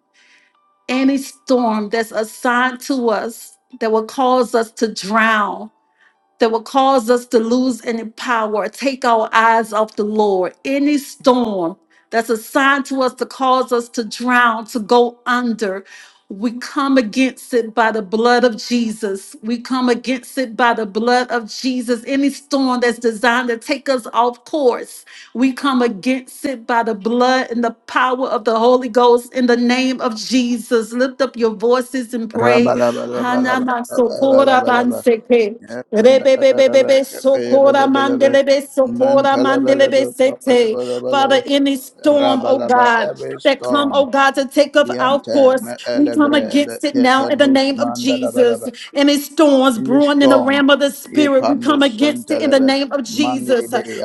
any storm that's assigned to us that will cause us to drown, that will cause us to lose any power, take our eyes off the Lord. Any storm that's assigned to us to cause us to drown, to go under, we come against it by the blood of Jesus. We come against it by the blood of Jesus. Any storm that's designed to take us off course, we come against it by the blood and the power of the Holy Ghost in the name of Jesus. Lift up your voices and pray. Rabalabalaba, Kapayabalabalaba, Rebebebebebe, sokora mandelebe, sokora mandelebe sete. Father, any storm, oh Rabalaba, God, every that come, storm, of Yante, course, me come elevre, le kepenus us, mandalabalaba. and In this storm, ye pandus sentelebe, mandiribre,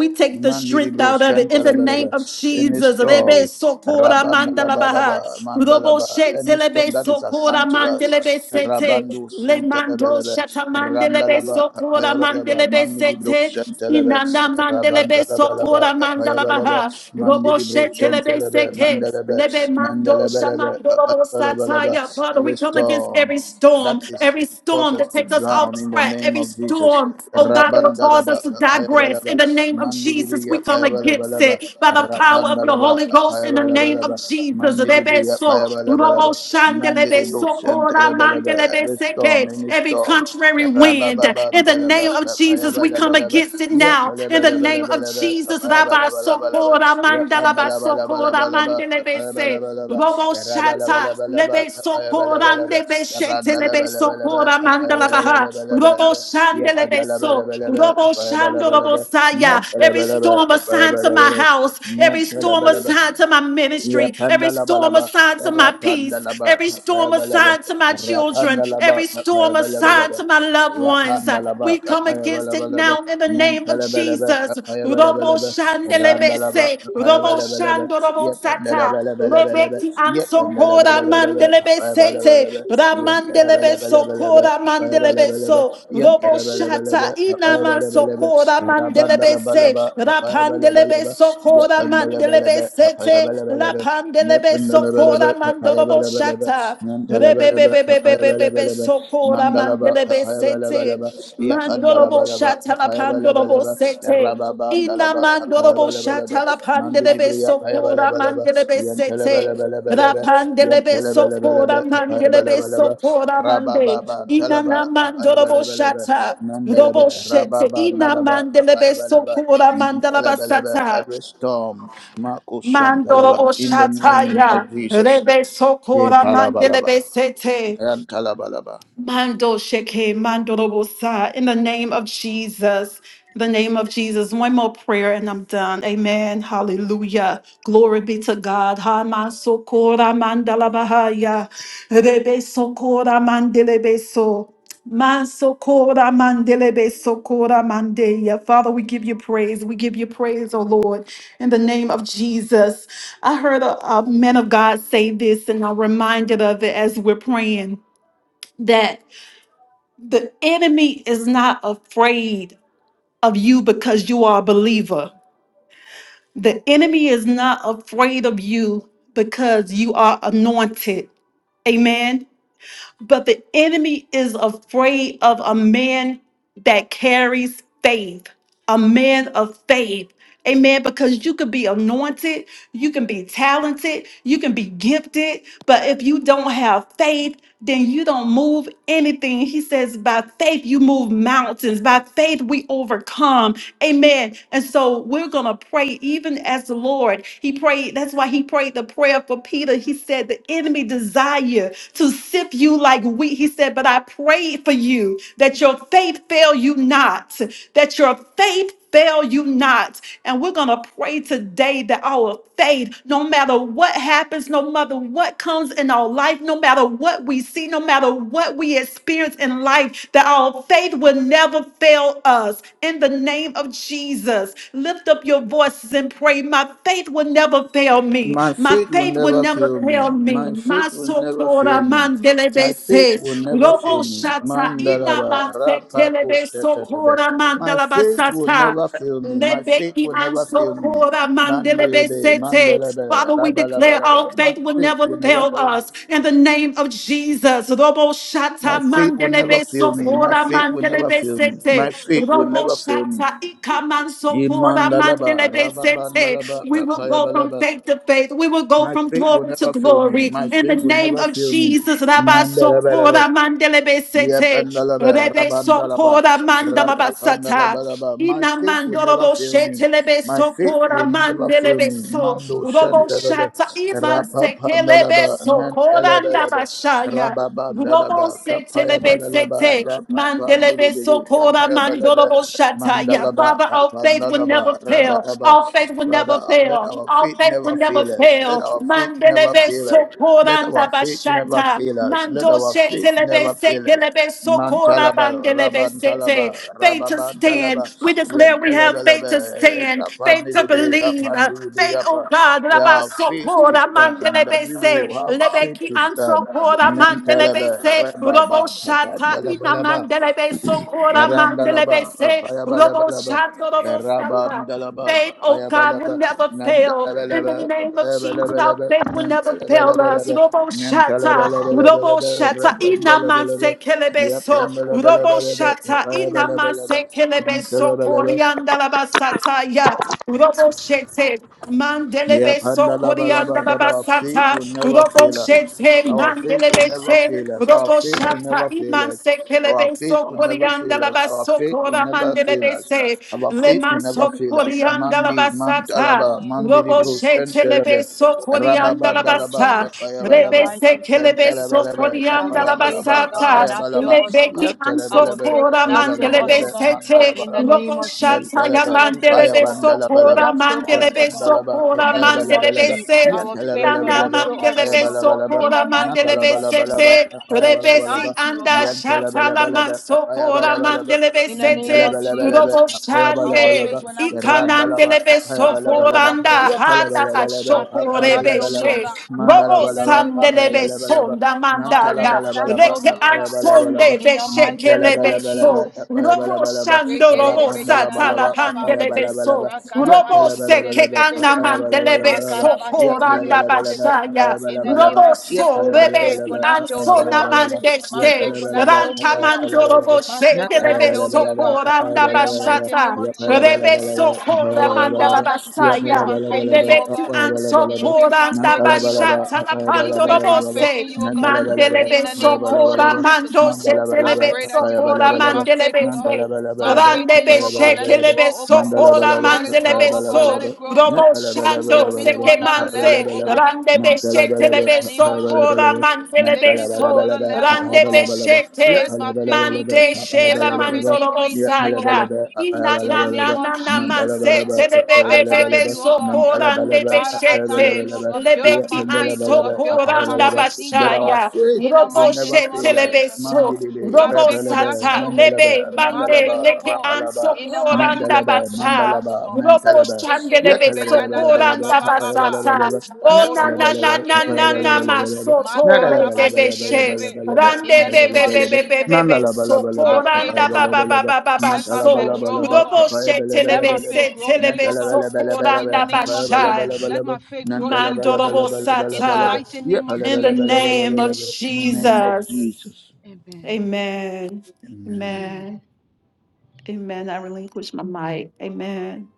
we take strength Mandiri bro shantalaba any Jesus. Rebe storm sokora Rabanda la mandala ba la baha. ba, Manda la Robo Mandalaba shete any lebe storm that is sokora assigned to us mandelebe sete. Rabandu Le mando Shantalaba shata mandelebe la sokora Kapayabalaba mandelebe Mandiri bro sete. Shantalaba Inanda mandelebe la sokora mandala Kapayabalaba baha. Robo Mandiri bro shete Santa lebe la seke. Lebe mando Mandalaba la shamando robo sataya. Kapayabalaba Father, every we come against storm every that storm, is every to cause storm us that to takes us off drown in the track, name every of Jesus. storm, oh God, that will cause us Rabandalaba, to digress. In Payabalaba, the name of Jesus, we Mandibria, come against Payabalabalaba, it by the power of the Rapandalaba, Holy Ghost. In the name of Payabalabalaba, Jesus, Mandibria, Rebeso, Robo Payabalabalaba, Mandibro, Shandelebeso, Kora Shantalabalaba, every storm, Mandelebeseke. any every storm. contrary wind, in the Rabababandalaba, name of Jesus, we come against Payabalabalaba. it Yep, now. bala In the bala bala name of bala bala, Jesus, kapaya bala bala Rabaso, bala bala, Kora yep, andala Mandalabaso, bala bala bala bala, kapaya bala bala bala, yara bala bala bala bala, kapaya bala bala bala, yara andala bala bala beso bala, pora kapaya mandala bala bala baha. bala Robo bala, yep, shandele andala bala beso. bala bala, Robo kapaya bala shandolo bala bala, bosaya. yep, bala Every bala bala, storm kapaya assigned to bala my bala, house. yep, Every bala storm bala bala. assigned to my ministry. Every storm Yapandalaba, assigned to my peace. Rapandalaba, Every storm Capayabalaba, assigned to my children. Rapandalaba, Every storm assigned Capayabalabalaba, to my loved ones. Yapandalaba, We come against it Capayabalabalaba, now in the name of Mantalabalaba, Jesus. Robo Capayabalabalaba, shandele Randalaba, bese. Robo Capayabalabalaba, shandolo bosata. Yapandalabalabalaba, I'm so cold, I'm Yapandalabalabalaba, mandelebe sete, Ramandelebe so Capayabalabalaba, Mandalaba, cold, I'm mandelebe so, Mandalaba, Robo shata, Inama so cold, I'm mandelebe se, Rapandelebe Capayabalaba, so cold, Yep, I'm and the mandelebe Labalaba, Capayabalaba, sete, Rapandelebe so cold, I'm mandorobo shata. Rebebebebebebebe sokora mandelebe sete mandorobo shatala pandorobo sete Rababanda, Ina Laba, apayaba mandorobo laba laba, shatala mandi pandelebe dibriya apayaba sokora laba laba, mandelebe yantele bele sete bele bele be, Rapandelebe yantele bele bele be, sokora apayaba mandelebe sokora rababa mande. Inana talaba, apayaba mandorobo laba laba, shata. mandele Robo shete. rababa, Ina nalaba, mandelebe apayaba laba, sokora mintele mandalaba bele sata. every storm, Marcus Shantalaba, Mandorobo in the shata name ya. of Jesus. Rebe Ye sokora palaba laba, mandelebe sete. yantala Mando sheke, mando robosa. In the name of Jesus, in the name of Jesus. One more prayer and I'm done. Amen. Hallelujah. Glory be to God. Ha sokora, mandala bahaya. Rebe sokora mandele beso. Masokora mandele beso kora mandeya. Father, we give you praise. We give you praise, oh Lord, in the name of Jesus. I heard a, a man of God say this, and I'm reminded of it as we're praying that the enemy is not afraid of you because you are a believer. The enemy is not afraid of you because you are anointed. Amen. But the enemy is afraid of a man that carries faith, a man of faith. Amen. Because you could be anointed, you can be talented, you can be gifted, but if you don't have faith, then you don't move anything. He says, by faith, you move mountains. By faith, we overcome. Amen. And so we're going to pray even as the Lord. He prayed, that's why he prayed the prayer for Peter. He said, The enemy desire to sift you like wheat. He said, But I pray for you that your faith fail you not, that your faith fail you not. And we're going to pray today that our faith, no matter what happens, no matter what comes in our life, no matter what what we see, no matter what we experience in life, that our faith will never fail us. In the name of Jesus, lift up your voices and pray. My faith will never fail me. My My faith will faith will never never fail fail me. me. My faith My will never socora fail me. My faith mandelebese. will never Lobo fail me. shata ina Mandaraba mase rapako telebe shetadaba. socora My faith will mandalabasata. never fail me. My faith Lebeki will never fail me. ansokora mandelebese. Mandirebe Hey, mandalaba Father, we declare our rabalabalaba. My faith will faith will never never fail fail me. us in the name of Jesus. Robo shata My faith will never mandelebe fail me. My sofora faith will never mandelebe fail me. sete. My faith will Robo never fail me. shata ikaman sofora Imandalaba mandelebe sete. rababandalaba We will go from rapayabalaba faith to faith. We will go My from faith will never fail me. My faith will never fail me. Jesus. to Mandalaba, yep, faith. andalaba, Rebe rabandalaba, Thank you, sofora thank you. In mandamabasata. rabandalaba. My Ina faith will never mandorobo fail me. shetelebe My faith sokora will never fail mandelebe me. so Mando robo shantalaba, shata iman sekelebe rabandalaba, sokora mandalaba, ndabashaya rababandalaba, robo kapaya setelebe balaba, sete mandelebe rababandilibili, sokora kapaya balaba, mandorobo shataya mandalaba, Father, our faith will never bandalaba, fail. rabalaba. Our faith will Rather, never uh, let fail. our Our faith faith will never never fail us. Let fail. our faith never Mandelebe fail us. Let sokora our faith never ndabashata fail us. Let mando our faith shetelebe never fail us. sekelebe Man sokora talaba, bandelebe raban sete talaba, stand, faith to rababan stand. talaba, We yan declare we talaba have faith laba, to stand, upon faith to libri, believe, upon uh, Libri libri, faith, oh God, We Rabba have faith to Sokora stand, that we will Mandelebese, have faith Lebeki to stand. Ansokora Man talaba, Mandelebese, Robo rababa, upon Shata talaba Ina laba. Mandelebe Sokora Karandalaba, Mandelebese, Kapaya Robo Balabalaba, Shata Robo Shata Rabandalaba, faith, oh Kapaya God, will Balaba, never fail. In the Nantalabalaba, name of Kapaya Jesus, our Balabalaba, faith will never fail us. Nantalabalabalaba, Robo shata, robo Nantalabalabalaba, shata, Rabandalabalaba, inamanse kelebeso, robo Yapandalabalabalaba, shata, Kapaya Balabalaba, inamanse kelebeso, Nantalabalaba, korianda la basata ya, robo shete, Yep, mandelebeso, korianda handalabalaba, la that our faith basata, will never robo fail us. shete, Our faith will never mandelebese, fail us. Our robo faith will shata, never fail us. imanse Our faith kelebeso, will never Sokorianda fail la us. Our faith will Basokora never Mandele fail us. Bese, Our faith will Leman never fail us. Sokorianda la Mandi, Basata, the Mantalaba, name of Mandi Robo Libro, Jesus. Shetelebe Sentalaba, In the Sokorianda la name of Rababandalaba, Basa, Jesus, in the Tapayabalaba, mighty Rebese name of Kelebe Jesus, Dentalabalaba, our Sokorianda la faith, Tapayabalaba, oh God, will Basata, not fail Tapayabalaba, us, oh God. Lebeki Our Yatalabalaba, faith will Ansokora not fail Mandele us, oh Tapayabalabalaba, God. Besete, In the Mandalabalaba, name Robo of Jesus, Shataya Nentalaba, our faith, Mandele oh God, will Kupayabandalabalaba, Besokora not fail Mandele us, oh God. Rabandalaba, In Besokora the name of Mandele Papayabalabalaba, Jesus, our Bese, faith will Nana not Yantalabalabalaba, fail us, oh mandelebe God. Papayabalabalaba, In the sokora mighty name mandelebe of Nandalabalabalaba, Jesus, sete oh God. Papayabalabalaba, rebesi Thank you, oh anda God. shatala Yantalabalabalaba, man kora Papayabalabalaba, mandele In the name besete of Jesus. Nantalabalabalaba, robo Our shande Papayabalabalaba, faith will not fail us, oh Randalaba, God. ikanandelebe My faith will sokora Papayabalabalaba, not fail anda us, oh God. hada ba Yatalabalabalaba, My faith will shokore not fail me, Papayabalabalaba, oh beshe God. robo In the Mandalabalaba, name of sandelebe Jesus. sonda Papayabalabalaba, My faith mandaya will not Nantalabalaba, fail reke me, oh God. Tapayabalabalaba, ansonde In the beshe mighty kelebe name of Nantalabalabalaba, beso Jesus. robo Tapayabalabalaba, shando robo Rekelelebeyana la Rapandalabalaba, ba satala ba ba. pandele beso Tapayabalabalaba, Robo se que Yatalabalabalaba, anda Rakarabashikerebe. mantelebe Tapayabalabalaba, socoranda Yatalabalabalaba, Makarabasekerebe. basaya. In the Tapayabalabalaba, name Robo of Jesus, so my Yatalabalabalaba, rebe faith will not fail me, O ansona God. Tapayabalabalaba, My mandeste. faith will not Yatalabalaba, fail me, Ranta O God. Tapayabalabalaba, mandorobo My se faith que will not lebe fail me, O Natalabalabalaba, God. socoranda In the Tapayabalabalaba, mighty name basata. of Jesus, O Rebe God. Yapalabalabalaba, socora Oh mandala Tapayabalabalaba, God, let me increase basaya. my faith in Yapalabalabalaba, you, Rebe O God. Increase Tapayabalabalaba, my ansocoranda faith in you, O Nantalabalaba, God. basata la Increase my pandorobo Bayabalabalaba, faith se. in you, O God. Nantalabalaba, In Mandelebe the name of socora Bayabalabalaba, Jesus, O mando God. se I Mandalabalaba, telebe pray that you socora increase Bayabalabalaba, my faith, O mandelebe God. se. My Nantalabalaba, faith in Randebe you, O God. Let it Bayabalabalaba, shekelebe grow, O God. sokora Nantalabalaba, Let it grow, manzelebe oh God. so Let Bayabalabalaba, it grow. robo shando Take me to Nantalabalabalaba, seke another manse level, oh Bayabalabalaba, God. randebe Nantalabalaba, In shekelebe the name of Jesus. sokora Bayabalabalaba, Take manzelebe me to so another Nantalabalabalaba, level, oh randebe God. Bayabalabalaba, Let shekes my faith Yapalabalabalaba, mante increase. Let shela my faith Bayabalabalaba, manzorobo increase in you, oh God. saya Yapalabalaba, ina In the na na name Bayabalabalaba, of na na Jesus, oh manse God. Mandalabalaba, telebe I bebe thank be Balaba, you, oh God. sokora ndebe Nantalabalaba, Father, I thank shete you, oh Balaba, God. Build up my lebeki an faith, oh God. Yandalabalaba, Build up my sokoranda Balaba, faith in you, That oh our God. bashaya faith In the will Robo mighty never name of fail us. shetelebe Jesus, oh so. God. Mandilibi, My Robo faith will not Rebelebe, sata fail, oh God. lebe Mendelebe, My mande faith will Mandalaba, leke go. anso Rapalaba, In the mighty koranda name of Mendelebe, basa. Jesus, oh Mandalaba, God. Robo Mentelebe, shandelebe so koranda basata. Yetelebelebelebelebe, Oh in na the na na na na na masoto re debe she. In Rande the name bebe of bebe Jesus, oh bebe God. be so My faith, koranda oh ba God. ba ba ba ba ba Let my so. faith grow, oh God. Robo Let my shetelebe faith se grow in you, telebe oh so God. In the koranda name of basha. Jesus. Let my faith grow in you, oh God. In the Mandorobosata. mighty name of In the Jesus, oh God. name of name of Jesus. Jesus. Amen. Amen. Amen. Amen. Amen. I relinquish my mic. Amen.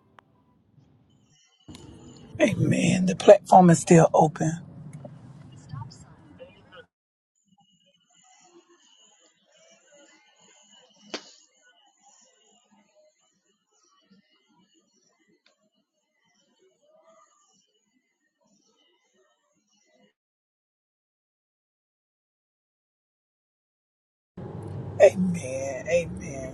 Amen. The platform is still open. Amen.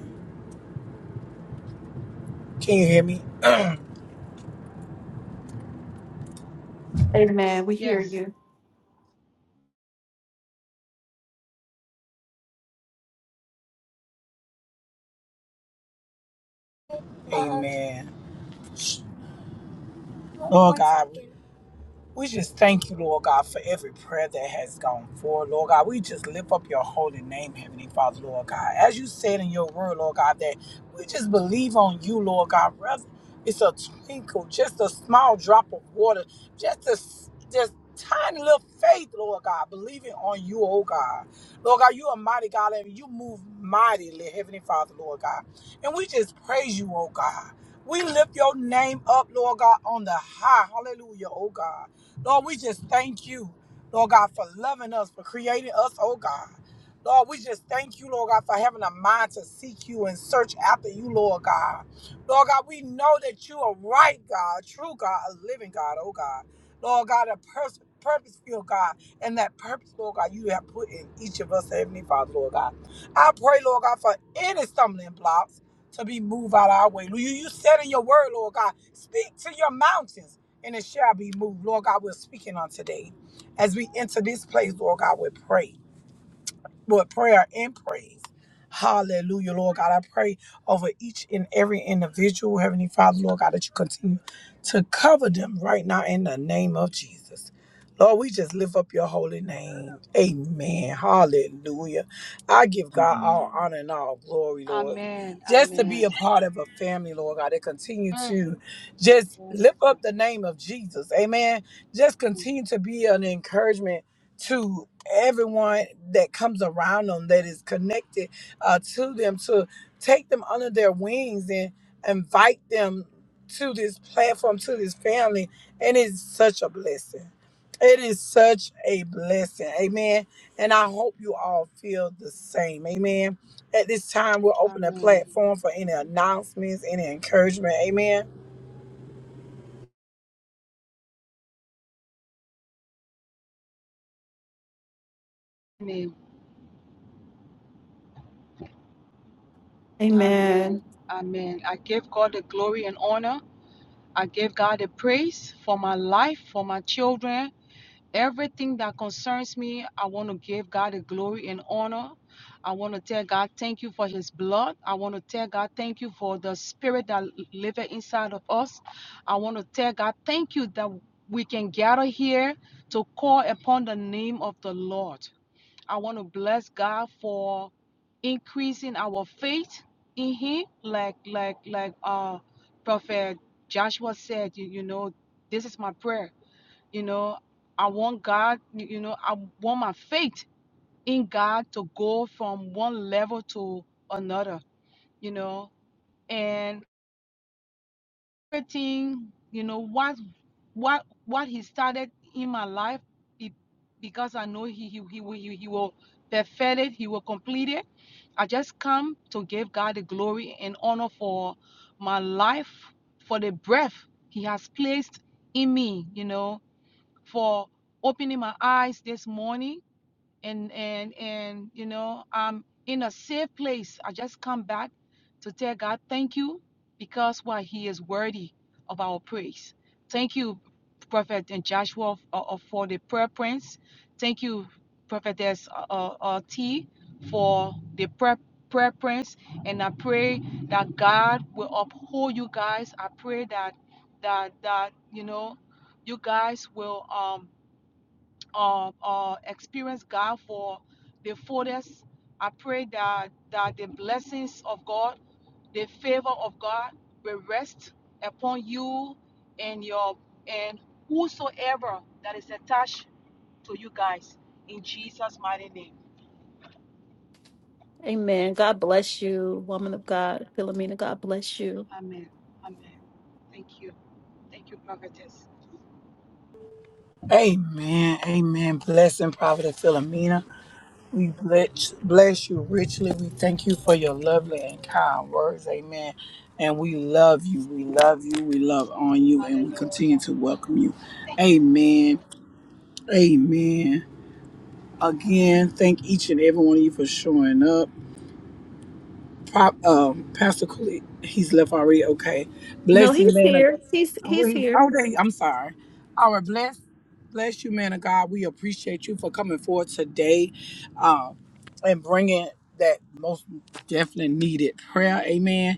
Yes. Amen. Amen. Lord God, We just thank you, Lord God, for every prayer that has gone forward, Lord God. We just lift up your holy name, Heavenly Father, Lord God. As you said in your word, Lord God, that we just believe on you, Lord God, brother. It's a twinkle, just a small drop of water, just a s- just tiny little faith, Lord God, believing on you, oh God. Lord God, you are mighty God, and you move mightily, Heavenly Father, Lord God. And we just praise you, oh God. We lift your name up, Lord God, on the high. Hallelujah, oh God. Lord, we just thank you, Lord God, for loving us, for creating us, oh God. Lord, we just thank you, Lord God, for having a mind to seek you and search after you, Lord God. Lord God, we know that you are right, God, true God, a living God, oh God. Lord God, a pers- purpose, filled God, and that purpose, Lord God, you have put in each of us, Heavenly Father, Lord God. I pray, Lord God, for any stumbling blocks to be moved out of our way. You, you said in your word, Lord God, speak to your mountains and it shall be moved. Lord God, we're speaking on today. As we enter this place, Lord God, we pray with prayer and praise. Hallelujah, Lord God. I pray over each and every individual, Heavenly Father, Lord God, that you continue to cover them right now in the name of Jesus. Lord, we just lift up your holy name. Amen. Hallelujah. I give God all honor and all glory, Lord. Amen. Just to be Amen. a part of a family, Lord God, that continue Mm. to just Yes, lift up Lord. the name of Jesus. Amen. Just continue to be an encouragement to everyone that comes around them that is connected uh, to them to take them under their wings and invite them to this platform to this family and it's such a blessing it is such a blessing amen and i hope you all feel the same amen at this time we'll open the Amen. platform for any announcements any encouragement amen Amen. Amen. Amen. Amen. I give God the glory and honor. I give God the praise for my life, for my children, Everything that concerns me, I want to give God the glory and honor. I want to tell God thank you for his blood. I want to tell God thank you for the spirit that lives inside of us. I want to tell God thank you that we can gather here to call upon the name of the Lord. I want to bless God for increasing our faith in Him, like like like uh Prophet Joshua said. You, you know, this is my prayer you know i want god y- you know i want my faith in god to go from one level to another you know and everything you know what what what he started in my life be- because i know he he, he, will- he, he will perfect it he will complete it i just come to give god the glory and honor for my life for the breath he has placed in me you know for opening my eyes this morning and and and you know i'm in a safe place i just come back to tell god thank you because why he is worthy of our praise thank you prophet and joshua f- uh, uh, for the prayer prince thank you prophetess uh, uh, uh, t for the prayer prayer prince and i pray that god will uphold you guys i pray that that that you know you guys will um um, uh, experience God for the fullness. I pray that that the blessings of God, the favor of God, will rest upon you and your and whosoever that is attached to you guys. In Jesus' mighty name, Amen. God bless you, woman. Amen. Amen. Thank you. Thank you, prophetess. amen amen blessing prophet philomena We bless, bless you richly. We thank you for your lovely and kind words. Amen. And we love you. We love you. We love on you. And we Hallelujah. continue to welcome you. Thank you. Amen. Amen. Again, thank each and every one of you for showing up. Pop, um, Pastor Cooley, he's left already. Okay. Blessed man of oh, wait. Oh, dang. I'm sorry. All right. Bless, bless you, man of God. We appreciate you for coming forward today um, and bringing that most definitely needed prayer. Amen.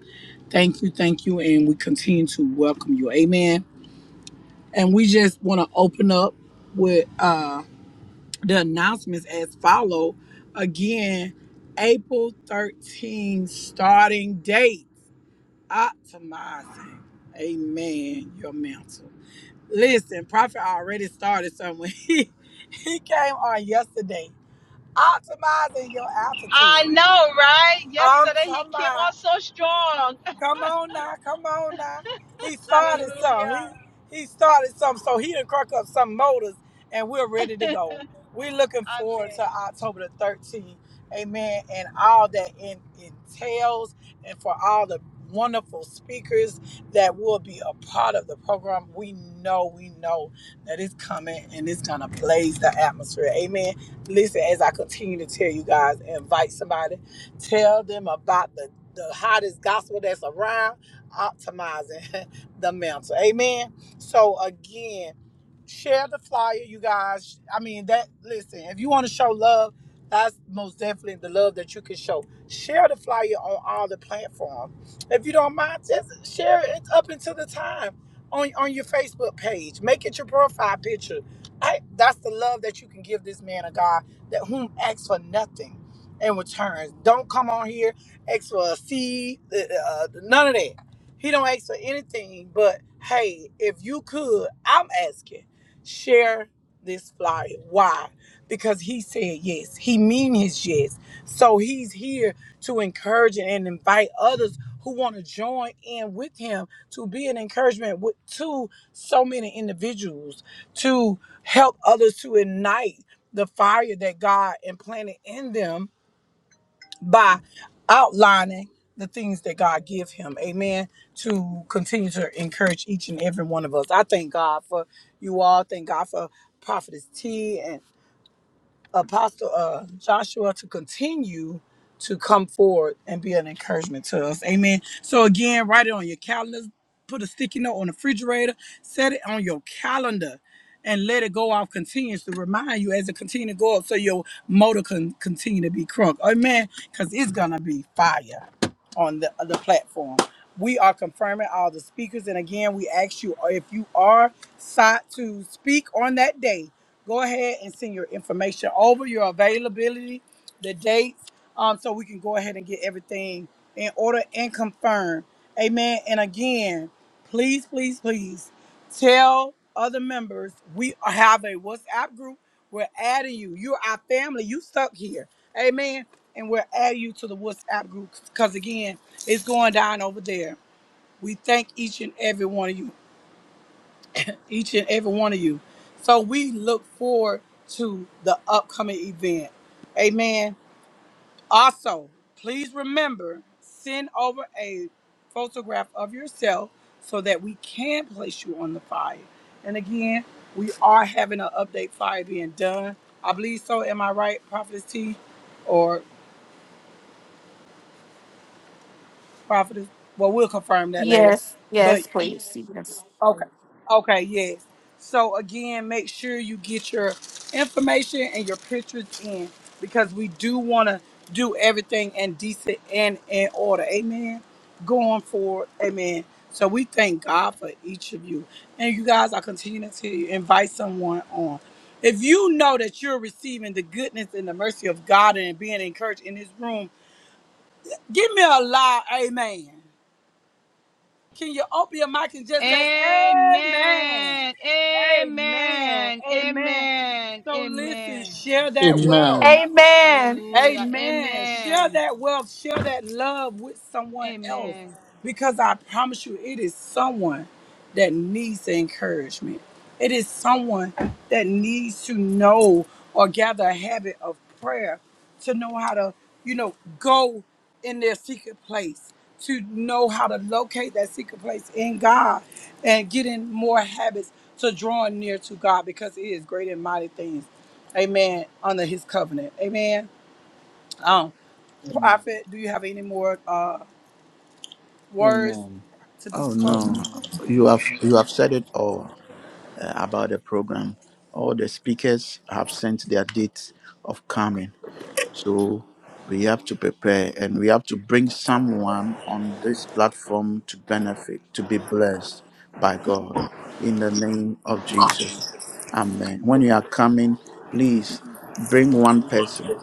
Thank you. Thank you. And we continue to welcome you. Amen. And we just want to open up with uh, the announcements as follow. Again, April 13 starting date optimizing. Amen. Your mental. Listen, Prophet already started somewhere. He, he came on yesterday. Optimizing your altitude. I know, right? I'm Yesterday he talking came about. on so strong. Come on now, come on now. He started some. He Hallelujah. he started some, so he done not crack up some motors, and we're ready to go. We're looking forward Amen. to October the 13th, amen, and all that in, entails, and for all the wonderful speakers that will be a part of the program. We know, we know that it's coming and it's gonna blaze the atmosphere, amen. Listen, as I continue to tell you guys, invite somebody, tell them about the the hottest gospel that's around, optimizing the mental. Amen. So again, share the flyer, you guys. I mean that. Listen, if you want to show love, that's most definitely the love that you can show. Share the flyer on all the platforms. If you don't mind, just share it up until the time on on your Facebook page. Make it your profile picture. I, that's the love that you can give this man of God that whom asks for nothing in return. Don't come on here ask for a seed, uh, uh, none of that. He don't ask for anything. But hey, if you could, I'm asking, share this flyer. Why? Because he said yes. He mean his yes. So he's here to encourage and invite others who want to join in with him to be an encouragement with, to so many individuals to help others to ignite the fire that God implanted in them by outlining the things that God give him. Amen. To continue to encourage each and every one of us. I thank God for you all. Thank God for Prophetess T and Apostle uh, Joshua to continue to come forward and be an encouragement to us. Amen. So again, write it on your calendar, put a sticky note on the refrigerator, set it on your calendar, and let it go off continues to remind you as it continue to go up so your motor can continue to be crunk. Amen. Because it's gonna be fire on the, the platform. We are confirming all the speakers, and again, we ask you uh, if you are sought to speak on that day go ahead and send your information over, your availability, the dates, um, so we can go ahead and get everything in order and confirm. Amen. And again, please, please, please tell other members we have a WhatsApp group. We're adding you. You're our family. You stuck here. Amen. And we're adding you to the WhatsApp group because again, it's going down over there. We thank each and every one of you each and every one of you. So we look forward to the upcoming event. Amen. Also, please remember send over a photograph of yourself so that we can place you on the fire. And again, we are having an update fire being done. I believe so. Am I right, Prophetess T? Or Prophetess? Well, we'll confirm that later. Yes. But Yes, please. Yes. Okay. Okay, yes. So again, make sure you get your information and your pictures in because we do want to do everything in decent and in order. Amen. Going forward. Amen. So we thank God for each of you. And you guys, I continue to tell you, invite someone on. If you know that you're receiving the goodness and the mercy of God and being encouraged in this room, give me a loud amen. Can you open your mic and just say amen? Amen. Amen. Amen. Amen. Amen. So listen, Amen. share that wealth. Amen. Amen. Hallelujah. Amen. Share Amen. that wealth, share that love with someone else Amen. because I promise you, it is someone that needs the encouragement. It is someone that needs to know or gather a habit of prayer to know how to, you know, go in their secret place, to know how to locate that secret place in God and get in more habits to drawing near to God because it is great and mighty things. Amen. Under his covenant. Amen. Um, Prophet, do you have any more uh, words Amen. to be Oh spoken? no. You have you have said it all. uh, about the program. All the speakers have sent their dates of coming. So we have to prepare and we have to bring someone on this platform to benefit, to be blessed by God. In the name of Jesus. Amen. When you are coming, please bring one person,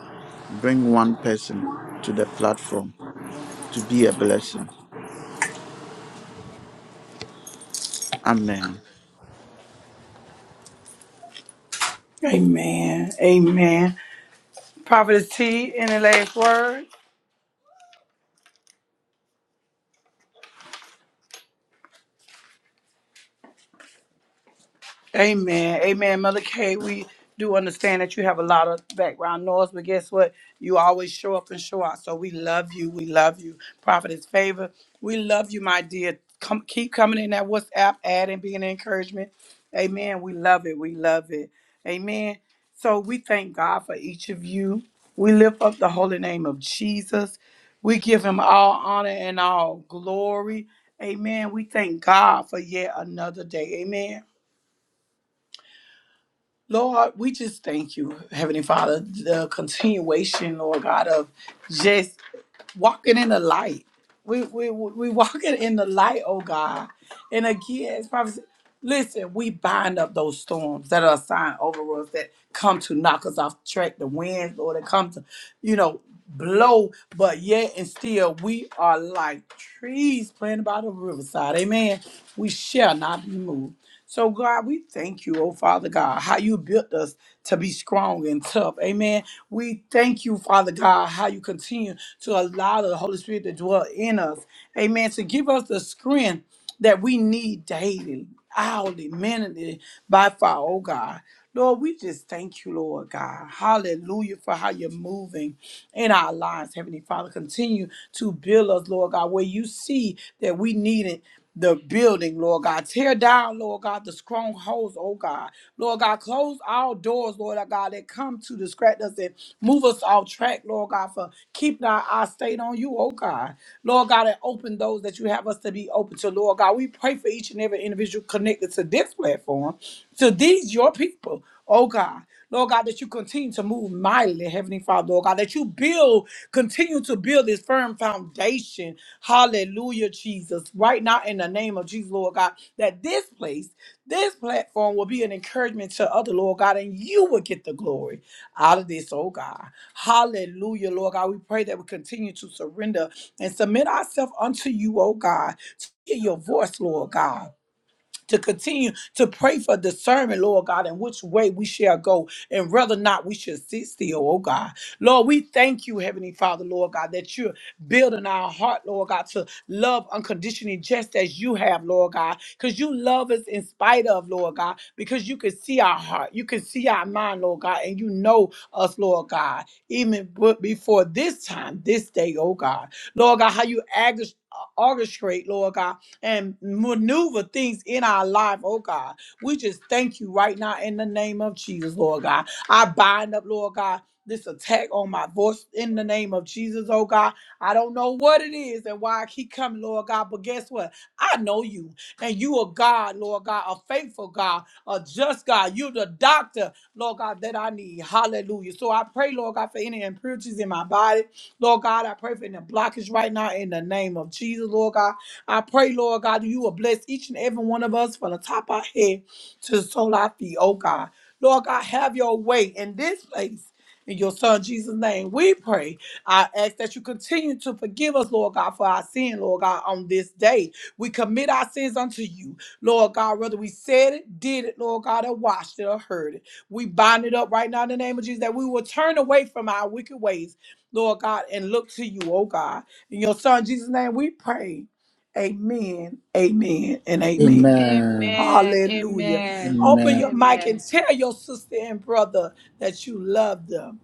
bring one person to the platform to be a blessing. Amen. Amen. Amen. Prophet T, any last word? Amen. Amen. Mother K, we do understand that you have a lot of background noise, but guess what? You always show up and show out. So we love you. We love you. Prophetess favor. We love you, my dear. Come keep coming in that WhatsApp ad and being an encouragement. Amen. We love it. We love it. Amen. So we thank God for each of you. We lift up the holy name of Jesus. We give him all honor and all glory. Amen. We thank God for yet another day. Amen. Lord, we just thank you, Heavenly Father, the continuation, Lord God, of just walking in the light. We we we walking in the light, oh God. And again, it's probably listen, we bind up those storms that are assigned over us that come to knock us off track, the winds, Lord, that come to, you know, blow, but yet and still we are like trees planted by the riverside. Amen. We shall not be moved. So God, we thank you, oh Father God, how you built us to be strong and tough. Amen. We thank you, Father God, how you continue to allow the Holy Spirit to dwell in us. Amen. To give us the strength that we need daily, hourly, minutely, by far, oh God. Lord, we just thank you, Lord God. Hallelujah for how you're moving in our lives, Heavenly Father. Continue to build us, Lord God, where you see that we needed the building, Lord God. Tear down, Lord God, the strongholds, oh God. Lord God, close all doors, Lord God, that come to distract us and move us off track, Lord God, for keeping our eyes stayed on you, oh God. Lord God, and open those that you have us to be open to, Lord God. We pray for each and every individual connected to this platform, to these, your people, oh God. Lord God, that you continue to move mightily, Heavenly Father, Lord God, that you build, continue to build this firm foundation. Hallelujah, Jesus. Right now, in the name of Jesus, Lord God, that this place, this platform will be an encouragement to other, Lord God, and you will get the glory out of this, oh God. Hallelujah, Lord God. We pray that we continue to surrender and submit ourselves unto you, oh God, to hear your voice, Lord God to continue to pray for discernment, Lord God, in which way we shall go and whether or not we should sit still, oh God. Lord, we thank you, Heavenly Father, Lord God, that you're building our heart, Lord God, to love unconditionally just as you have, Lord God, because you love us in spite of, Lord God, because you can see our heart, you can see our mind, Lord God, and you know us, Lord God, even b- before this time, this day, oh God. Lord God, how you agus- orchestrate, Lord God and maneuver things in our life, oh God. We just thank you right now in the name of Jesus, Lord God. I bind up, Lord God. This attack on my voice in the name of Jesus, oh God. I don't know what it is and why I keep coming, Lord God, but guess what? I know you, and you are God, Lord God, a faithful God, a just God. You're the doctor, Lord God, that I need. Hallelujah. So I pray, Lord God, for any impurities in my body. Lord God, I pray for any blockage right now in the name of Jesus, Lord God. I pray, Lord God, that you will bless each and every one of us from the top of our head to the sole of our feet, oh God. Lord God, have your way in this place. In your son Jesus' name, we pray. I ask that you continue to forgive us, Lord God, for our sin, Lord God, on this day. We commit our sins unto you, Lord God, whether we said it, did it, Lord God, or watched it or heard it. We bind it up right now in the name of Jesus that we will turn away from our wicked ways, Lord God, and look to you, oh God. In your son Jesus' name, we pray. Amen. Amen. And amen. Amen. Amen. Hallelujah. Amen. Open Amen. your mic and Amen. tell your sister and brother that you love them.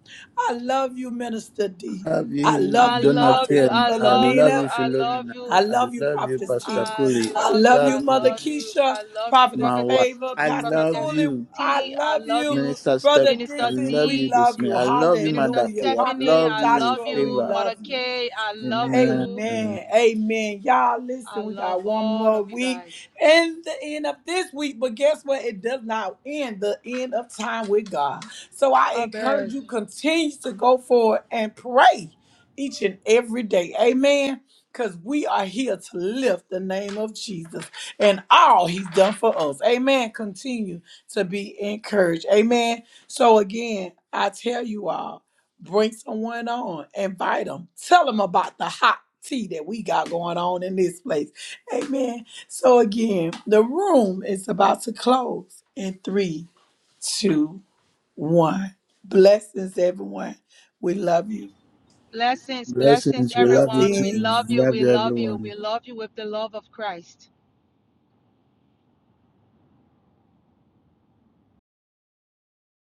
I love you, Minister D. love I you, I love you, love Prophet you. Donatien. I I love you. love you, Philomena. I love Philomena. you. I I love you, love you, Prophetess T. Pastor I Cooley. I I love you. love you, love I Mother you, love you. Keisha, I love you, Prophetess my wife. Prophetess Favor, I T. Pastor love Cooley. Prophetess you, I T. I love love you. you, Minister Step. Brother I Minister Dixon, love we you, D. this love man. you. I love you, Minister Hallelujah. Madaki. I Stephanie. Prophet love I you, love Joshua, we you, Favor. Mother love you. K. I love you. Amen. Amen. Amen. Y'all, listen, I we love got one all more of you week guys. and the end of this week, but guess what? It does not end the end of time with God. So I encourage Amen. you continue to go forward and pray each and every day. Amen. Because we are here to lift the name of Jesus and all he's done for us. Amen. Continue to be encouraged. Amen. So again, I tell you all. Bring someone on, invite them, tell them about the hot tea that we got going on in this place. Amen. So, again, the room is about to close in three, two, one. Blessings, everyone. We love you. Blessings, blessings, Blessings. We love you everyone. too. We Blessings. love you. Love We you, love you. everyone. We love you with the love of Christ.